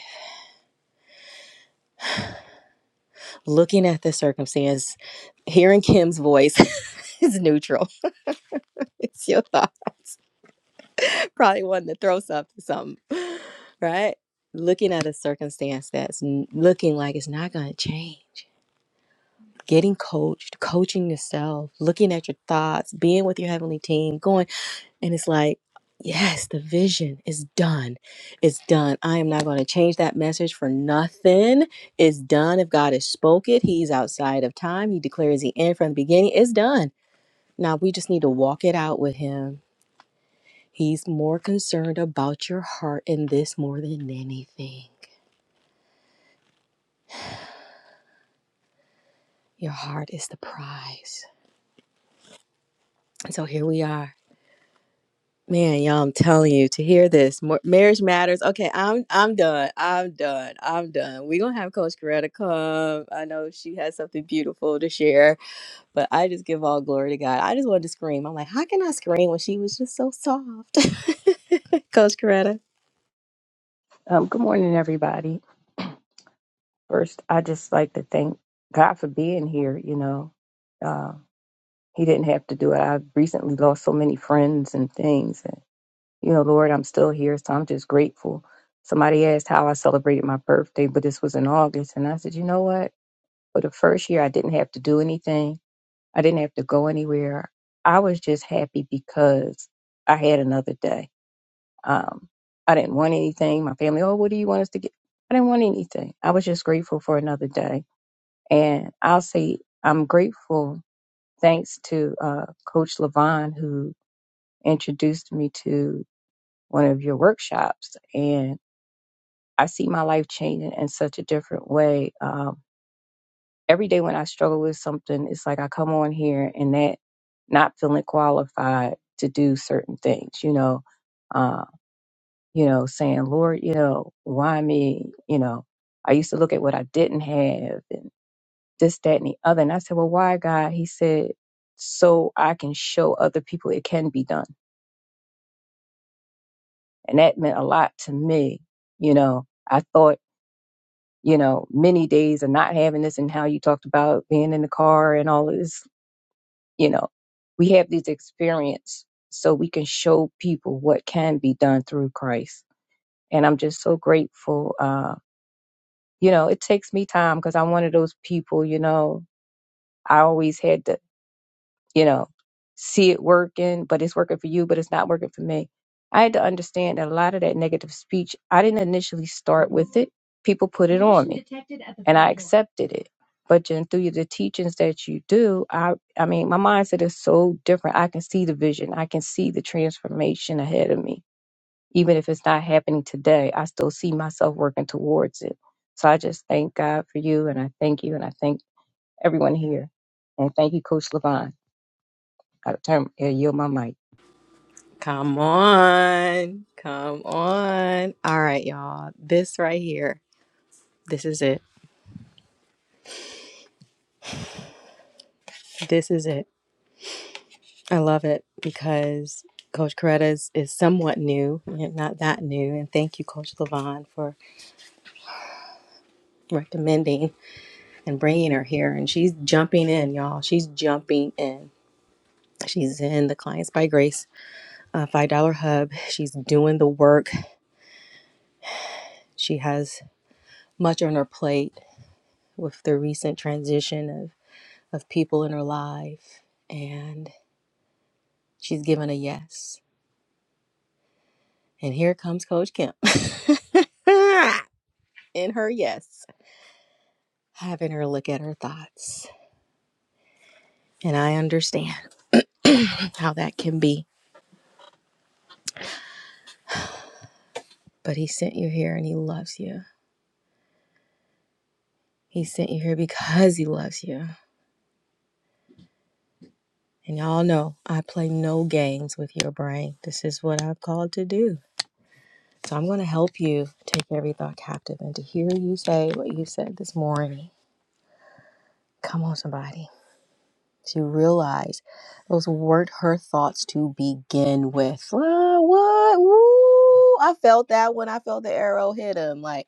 S1: looking at the circumstance, hearing Kim's voice is neutral. it's your thought. Probably wanting to throw something, something, right? Looking at a circumstance that's n- looking like it's not going to change getting coached, coaching yourself, looking at your thoughts, being with your heavenly team, going, and it's like, yes, the vision is done. It's done. I am not going to change that message for nothing. It's done. If God has spoke it, He's outside of time. He declares the end from the beginning. It's done. Now we just need to walk it out with Him. He's more concerned about your heart in this more than anything. Your heart is the prize. And so here we are Man, y'all, I'm telling you to hear this. Mar- marriage matters. Okay, I'm I'm done. I'm done. I'm done. We're gonna have Coach Coretta come. I know she has something beautiful to share, but I just give all glory to God. I just wanted to scream. I'm like, how can I scream when she was just so soft? Coach Coretta.
S6: Um, good morning, everybody. First, I just like to thank God for being here. You know, uh, He didn't have to do it. I've recently lost so many friends and things, and you know, Lord, I'm still here, so I'm just grateful. Somebody asked how I celebrated my birthday, but this was in August, and I said, you know what? For the first year, I didn't have to do anything. I didn't have to go anywhere. I was just happy because I had another day Um, I didn't want anything. My family, oh, what do you want us to get? I didn't want anything. I was just grateful for another day. And I'll say I'm grateful thanks to uh, Coach Levon who introduced me to one of your workshops. And I see my life changing in such a different way. Um, every day when I struggle with something, it's like I come on here and that not feeling qualified to do certain things, you know. Um, you know, saying, Lord, you know, why me? You know, I used to look at what I didn't have and this, that, and the other. And I said, Well, why, God? He said, So I can show other people it can be done. And that meant a lot to me. You know, I thought, you know, many days of not having this and how you talked about being in the car and all of this, you know, we have these experience so we can show people what can be done through Christ. And I'm just so grateful uh, you know, it takes me time because I'm one of those people, you know, I always had to, you know, see it working, but it's working for you, but it's not working for me. I had to understand that a lot of that negative speech, I didn't initially start with it. People put it on me, and I accepted it. But then through the teachings that you do, I, I mean, my mindset is so different. I can see the vision. I can see the transformation ahead of me even if it's not happening today, I still see myself working towards it. So I just thank God for you and I thank you and I thank everyone here. And thank you, Coach Levon. I turn I yield my mic.
S1: Come on. Come on. All right, y'all. This right here. This is it. This is it. I love it because Coach Coretta is, is somewhat new, yeah, not that new. And thank you, Coach Levon, for recommending and bringing her here. And she's jumping in, y'all. She's jumping in. She's in the Clients by Grace uh, $5 Hub. She's doing the work. She has much on her plate with the recent transition of, of people in her life. And she's given a yes. And here comes Coach Kim in her yes. having her look at her thoughts. And I understand how that can be. But he sent you here and he loves you. He sent you here because he loves you. And y'all know I play no games with your brain. This is what I've called to do. So I'm going to help you take every thought captive and to hear you say what you said this morning. Come on, somebody. To realize those weren't her thoughts to begin with. Ah, what? Woo! I felt that when I felt the arrow hit him. Like,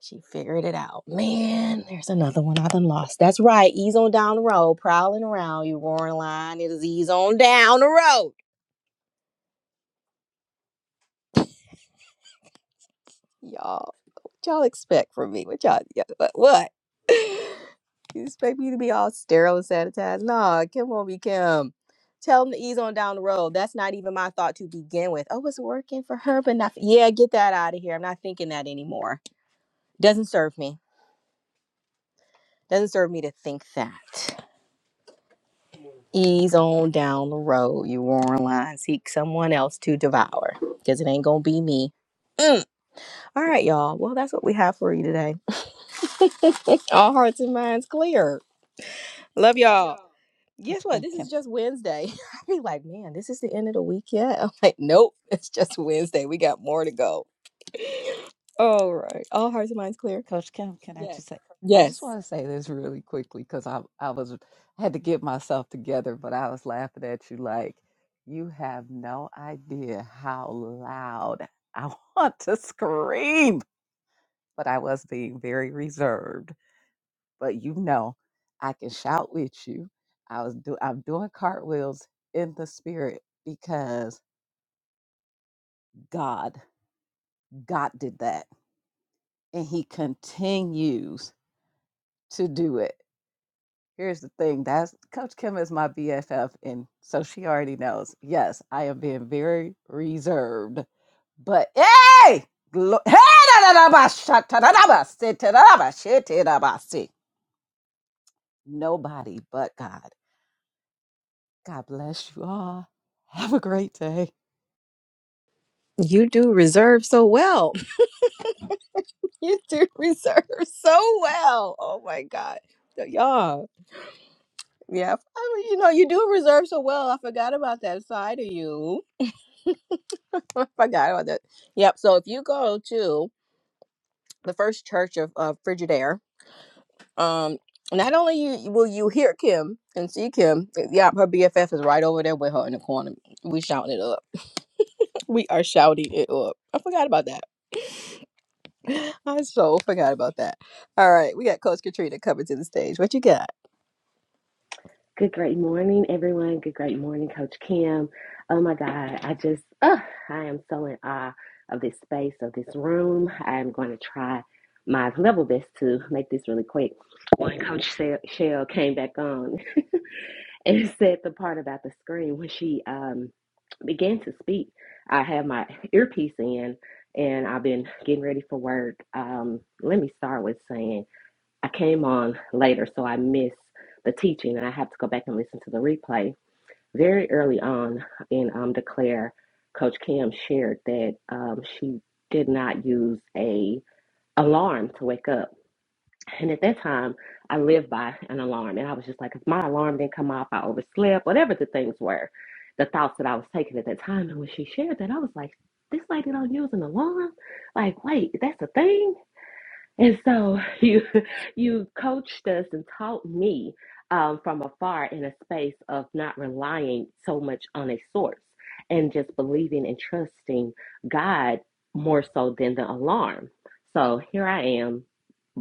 S1: She figured it out. Man, there's another one I done lost. That's right. Ease on down the road, prowling around you, roaring lion. It is ease on down the road. Y'all, what y'all expect from me? What y'all, what? what? you expect me to be all sterile and sanitized? Nah, Kim won't be Kim. Tell them to ease on down the road. That's not even my thought to begin with. Oh, it's working for her, but not. Yeah, get that out of here. I'm not thinking that anymore. Doesn't serve me. Doesn't serve me to think that. ease on down the road. You Warren Line, seek someone else to devour because it ain't gonna be me. Mm. All right, y'all. Well, that's what we have for you today. All hearts and minds clear. Love
S5: Love
S1: y'all.
S5: y'all.
S1: Guess
S5: Coach
S1: what?
S5: Kim,
S1: This
S5: Kim.
S1: is just Wednesday. I be like, man, this is the end of the week yet. I'm like, nope, it's just Wednesday. We got more to go. All right. All hearts and minds clear.
S5: Coach Kim, can I Yes. just say? I
S1: Yes.
S5: just want to say this really quickly because I I was had to get myself together, but I was laughing at you like you have no idea how loud I want to scream, but I was being very reserved. But you know, I can shout with you. I was do I'm doing cartwheels in the spirit because God God did that, and He continues to do it Here's the thing. That's Coach Kim is my BFF, and so she already knows. Yes, I am being very reserved, but hey, glo- hey, da, da, da, ba, sha, ta, da, da, ba, si, ta, da, da, ba, shi, ti, da, ba, si. nobody but God. God bless you all. Have a great day.
S1: You do reserve so well. you do reserve so well. Oh my God. So, Y'all. Yeah, I you know, you do reserve so well. I forgot about that side of you. I forgot about that. Yep. So if you go to the first church of, of Frigidaire, um, not only you will you hear Kim and see Kim. eh, Yeah, her BFF is right over there with her in the corner. We shouting it up. We are shouting it up. I forgot about that. I so forgot about that. All right, we got Coach Katrina coming to the stage. What you got?
S7: Good great morning, everyone. Good great morning, Coach Kim. Oh my God, I just, oh, I am so in awe of this space, of this room. I am going to try my level best to make this really quick. When Coach Se- Shell came back on and said the part about the screen, when she um, began to speak, I had my earpiece in and I've been getting ready for work. Um, let me start with saying, I came on later, so I missed the teaching, and I have to go back and listen to the replay. Very early on in um, Declare, Coach Kim shared that um, she did not use a alarm to wake up, and at that time, I lived by an alarm, and I was just like, if my alarm didn't come off, I overslept, whatever the things were, the thoughts that I was taking at that time. And when she shared that, I was like, this lady don't use an alarm? Like, wait, that's a thing? And so you you coached us and taught me um, from afar in a space of not relying so much on a source and just believing and trusting God more so than the alarm. So here I am,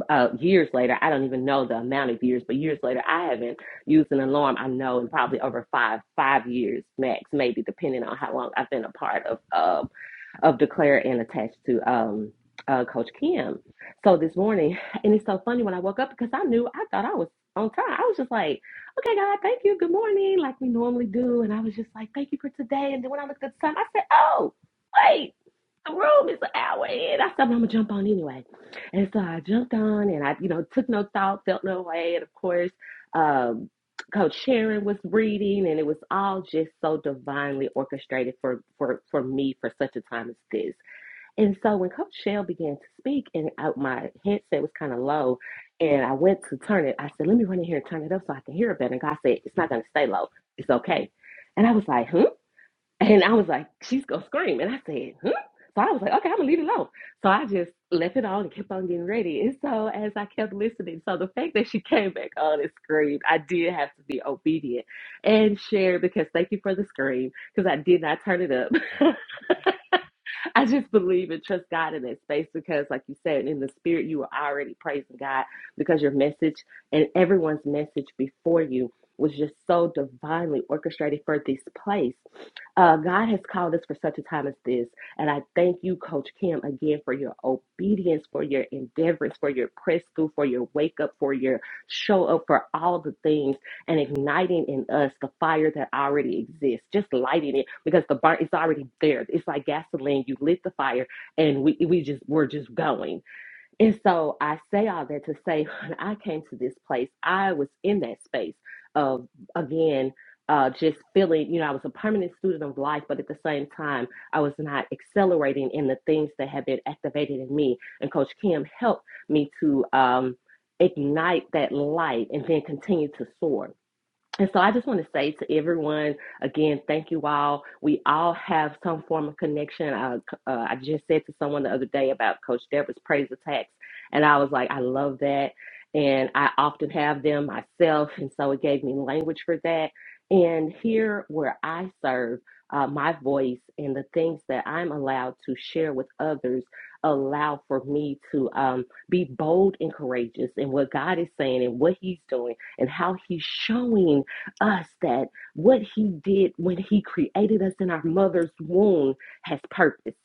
S7: uh, years later. I don't even know the amount of years, but years later, I haven't used an alarm. I know in probably over five five years max, maybe depending on how long I've been a part of. uh, of Declare and attached to um, uh, Coach Kim. So this morning, and it's so funny when I woke up because I knew I thought I was on time. I was just like, okay, God, thank you. Good morning, like we normally do. And I was just like, thank you for today. And then when I looked at the time, I said, oh, wait the room is an hour in. I said, I'm gonna jump on anyway. And so I jumped on and I, you know, took no thought, felt no way. And of course, um, Coach Sharon was reading and it was all just so divinely orchestrated for, for, for me for such a time as this. And so when Coach Shell began to speak and out my headset was kind of low and I went to turn it, I said, let me run in here and turn it up so I can hear it better. And God said, it's not gonna stay low. It's okay. And I was like, hmm? And I was like, she's gonna scream. And I said, hmm? So I was like, okay, I'm gonna leave it alone. So I just left it on and kept on getting ready. And so as I kept listening, so the fact that she came back on and screamed, I did have to be obedient and share because thank you for the scream because I did not turn it up. I just believe and trust God in that space because, like you said, in the spirit, you were already praising God because your message and everyone's message before you was just so divinely orchestrated for this place. Uh, God has called us for such a time as this. And I thank you, Coach Kim, again for your obedience, for your endeavors, for your press through, for your wake up, for your show up, for all the things and igniting in us the fire that already exists, just lighting it because the burn is already there. It's like gasoline. You lit the fire and we, we just, we're just going. And so I say all that to say, when I came to this place, I was in that space of, again, uh, just feeling, you know, I was a permanent student of life, but at the same time, I was not accelerating in the things that had been activated in me. And Coach Kim helped me to um, ignite that light and then continue to soar. And so I just want to say to everyone again, thank you all. We all have some form of connection. I, uh, I just said to someone the other day about Coach Deborah's praise attacks, and I was like, I love that. And I often have them myself. And so it gave me language for that. And here where I serve, uh, my voice and the things that I'm allowed to share with others allow for me to um, be bold and courageous in what God is saying and what He's doing and how He's showing us that what he did when he created us in our mother's womb has purpose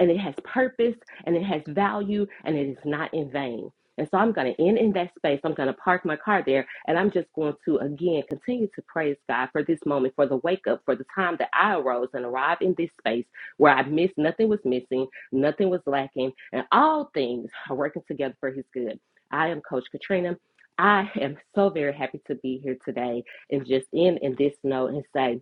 S7: and it has purpose and it has value and it is not in vain. And so I'm going to end in that space. I'm going to park my car there and I'm just going to again continue to praise God for this moment, for the wake up, for the time that I arose and arrived in this space where I missed nothing was missing, nothing was lacking, and all things are working together for his good. I am Coach Katrina. I am so very happy to be here today and just end in this note and say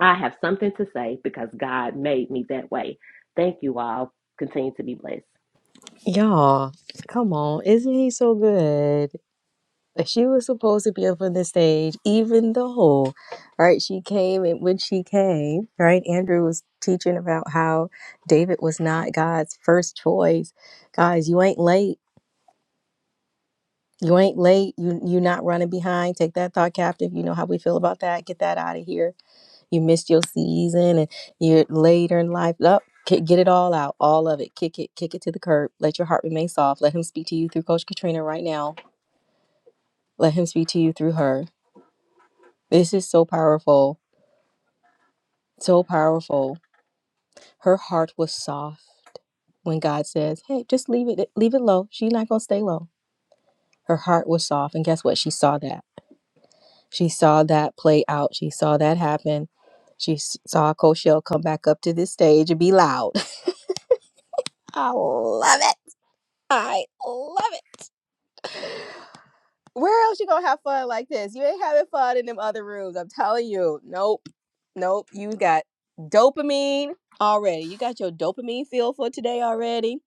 S7: I have something to say because God made me that way. Thank you all. Continue to be blessed.
S1: Y'all, come on. Isn't he so good? that she was supposed to be up on the stage, even though, right, she came and when she came, right, Andrew was teaching about how David was not God's first choice. Guys, you ain't late. You ain't late. You you not running behind. Take that thought captive. You know how we feel about that. Get that out of here. You missed your season and you're later in life. Up, get it all out, all of it. Kick it, kick it to the curb. Let your heart remain soft. Let him speak to you through Coach Katrina right now. Let him speak to you through her. This is so powerful So powerful. Her heart was soft when God says, "Hey, just leave it leave it low. She's not going to stay low." Her heart was soft, and guess what? She saw that. She saw that play out. She saw that happen. She s- saw Coach Shell come back up to this stage and be loud. Love it. Love Where else you gonna have fun like this? You ain't having fun in them other rooms. I'm telling you. Nope. Nope. You got dopamine already. You got your dopamine feel for today already.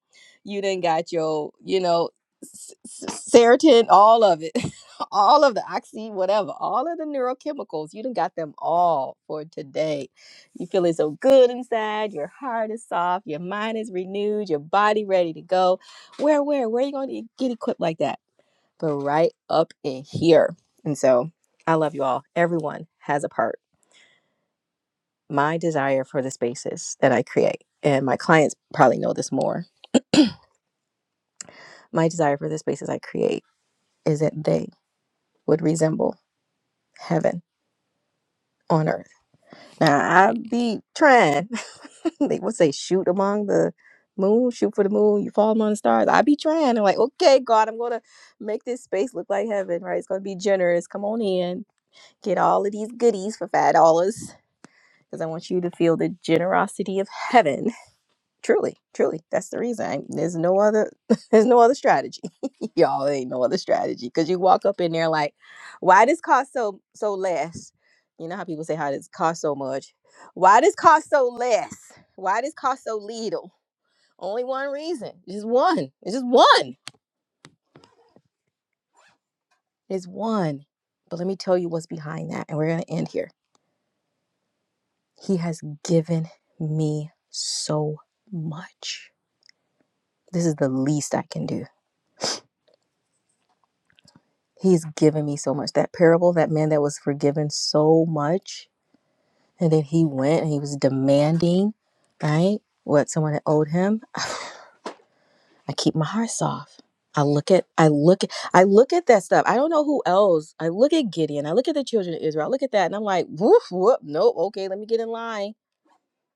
S1: You then got your, you know, s- s- serotonin, all of it, all of the oxy, whatever, all of the neurochemicals. You done got them all for today. You feeling so good inside. Your heart is soft. Your mind is renewed. Your body ready to go. Where, where, where you gonna get equipped like that? but right up in here. And so I love you all. Everyone has a part. My desire for the spaces that I create, and my clients probably know this more. My desire for the spaces I create is that they would resemble heaven on earth. Now I be trying. they would say shoot among the moon, shoot for the moon, you fall among the stars. I be trying. I'm like, okay, God, I'm gonna make this space look like heaven, right? It's gonna be generous. Come on in get all of these goodies for five dollars because I want you to feel the generosity of heaven. Truly, truly, that's the reason. I, there's no other, there's no other strategy, y'all. there Ain't no other strategy because you walk up in there like, why does cost so so less? You know how people say how does cost so much? Why does cost so less? Why does cost so little? Only one reason, just one. It's just one. It's one. But let me tell you what's behind that, and we're gonna end here. He has given me so much this is the least I can do. He's given me so much. That parable, that man that was forgiven so much, and then he went and he was demanding, right? What someone had owed him. I keep my heart soft. I look at I look at I look at that stuff. I don't know who else. I look at Gideon. I look at the children of Israel. I look at that and I'm like, woof, whoop, nope, okay, let me get in line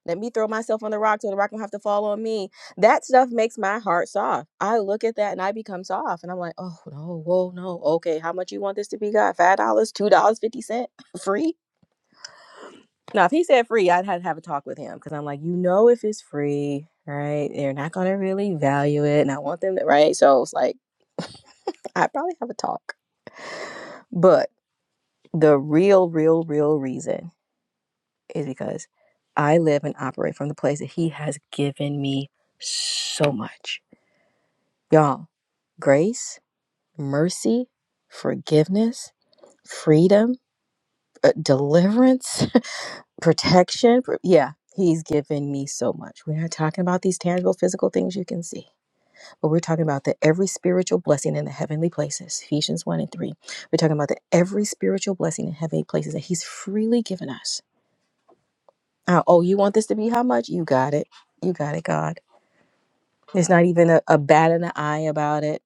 S1: Let me throw myself on the rock so the rock don't have to fall on me. That stuff makes my heart soft. I look at that and I become soft. And I'm like, oh no, whoa, no. Okay, how much you want this to be, God? Five dollars, two dollars, and fifty cent, free? Now, if he said free, I'd have to have a talk with him because I'm like, you know, if it's free, right? They're not gonna really value it, and I want them to, right? So it's like I'd probably have a talk. But the real, real, real reason is because I live and operate from the place that he has given me so much Y'all, grace, mercy, forgiveness, freedom, uh, deliverance, protection. pr- Yeah, he's given me so much. We're not talking about these tangible physical things you can see, but we're talking about the every spiritual blessing in the heavenly places, Ephesians 1 and 3. We're talking about the every spiritual blessing in heavenly places that he's freely given us. Uh, oh, you want this to be how much? You got it. You got it, God. There's not even a, a bat in the eye about it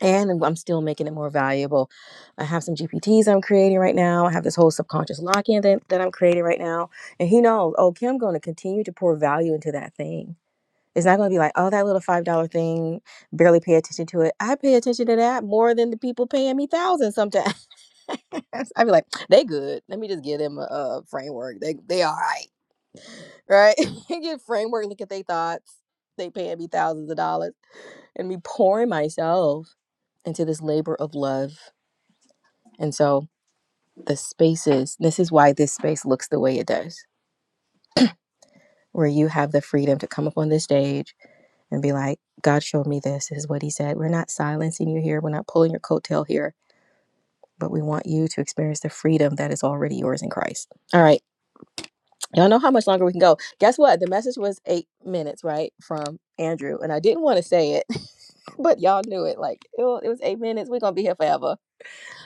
S1: and I'm still making it more valuable. I have some GPTs I'm creating right now. I have this whole subconscious lock-in that, that I'm creating right now. And he knows, oh, Kim going to continue to pour value into that thing. It's not going to be like, oh, that little $5 thing, barely pay attention to it. I pay attention to that more than the people paying me thousands sometimes. I'd be like, they good. Let me just give them a, a framework. They, they all right, right? Get framework, look at their thoughts. They paying me thousands of dollars and me pouring myself into this labor of love and so the spaces, this is why this space looks the way it does, where you have the freedom to come up on this stage and be like, God showed me this. This is what he said. We're not silencing you here. We're not pulling your coattail here, but we want you to experience the freedom that is already yours in Christ. All right. Y'all know how much longer we can go. Guess what? The message was eight minutes, right? From Andrew. And I didn't want to say it, but y'all knew it. Like it was eight minutes. We're gonna be here forever.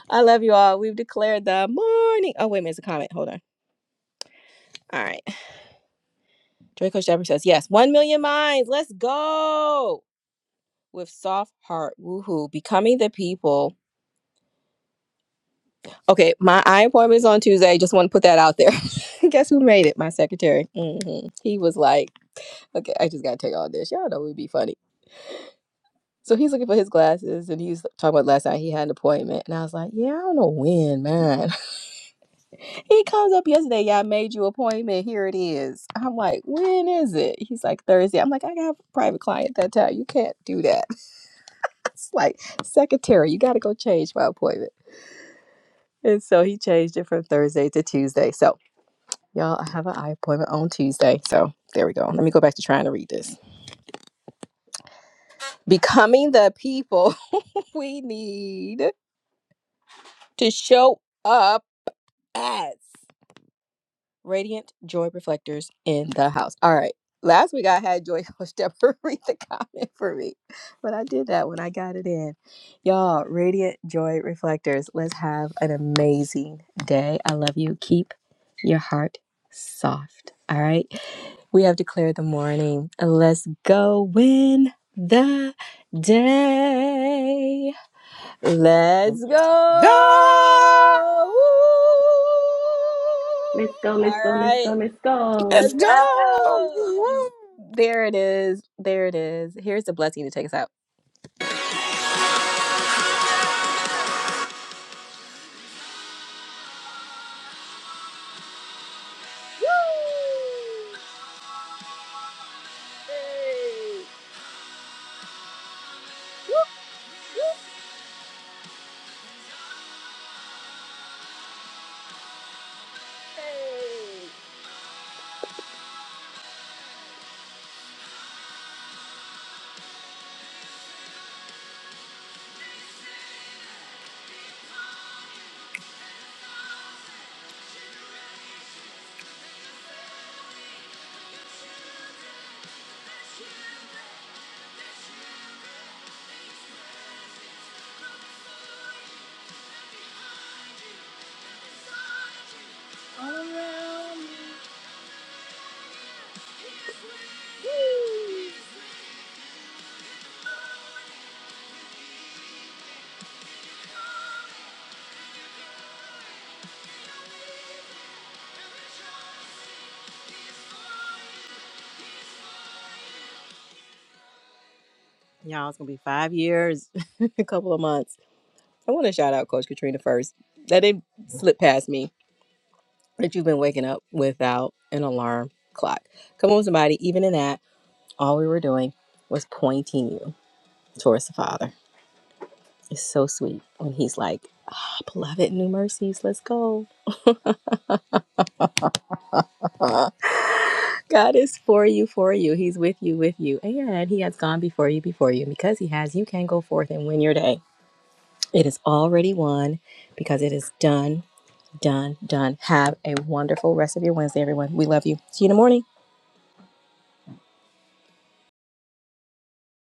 S1: I love you all. We've declared the morning. Oh wait a minute, it's a comment. Hold on. All right. Draco Shepherd says, Yes, 1 million minds. Let's go. With soft heart. Woohoo. Becoming the people. Okay, my eye appointment is on Tuesday. Just want to put that out there. Guess who made it? My secretary. hmm He was like, Okay, I just got to take all this. Y'all know it would be funny. So he's looking for his glasses and he's talking about last night he had an appointment. And I was like, Yeah, I don't know when, man. he comes up yesterday. Yeah, I made you appointment. Here it is. I'm like, When is it? He's like, Thursday. I'm like, I got a private client that time. You can't do that. It's like, Secretary, you got to go change my appointment. And so he changed it from Thursday to Tuesday. So, y'all, I have an eye appointment on Tuesday. So, there we go. Let me go back to trying to read this. Becoming the people we need to show up as. Radiant joy reflectors in the house. All right. Last week I had Joy Stepper read the comment for me, but I did that when I got it in. Y'all, radiant joy reflectors, let's have an amazing day. I love you. Keep your heart soft. All right. We have declared the morning. Let's go win the day. Let's go.
S2: Go!
S1: Woo!
S7: Let's go,
S1: All
S7: let's go, let's go,
S1: right.
S7: let's go.
S2: Let's
S1: Let's go.
S2: go!
S1: There it is. There it is. Here's the blessing to take us out. Y'all, it's gonna be five years, a couple of months. I want to shout out Coach Katrina first. That didn't slip past me that you've been waking up without an alarm clock. Come on, somebody. Even in that, all we were doing was pointing you towards the Father. Is so sweet when he's like, ah, beloved, new mercies, let's go. God is for you, for you. He's with you, with you. And he has gone before you, before you. And because he has, you can go forth and win your day. It is already won because it is done, done, done. Have a wonderful rest of your Wednesday, everyone. We love you. See you in the morning.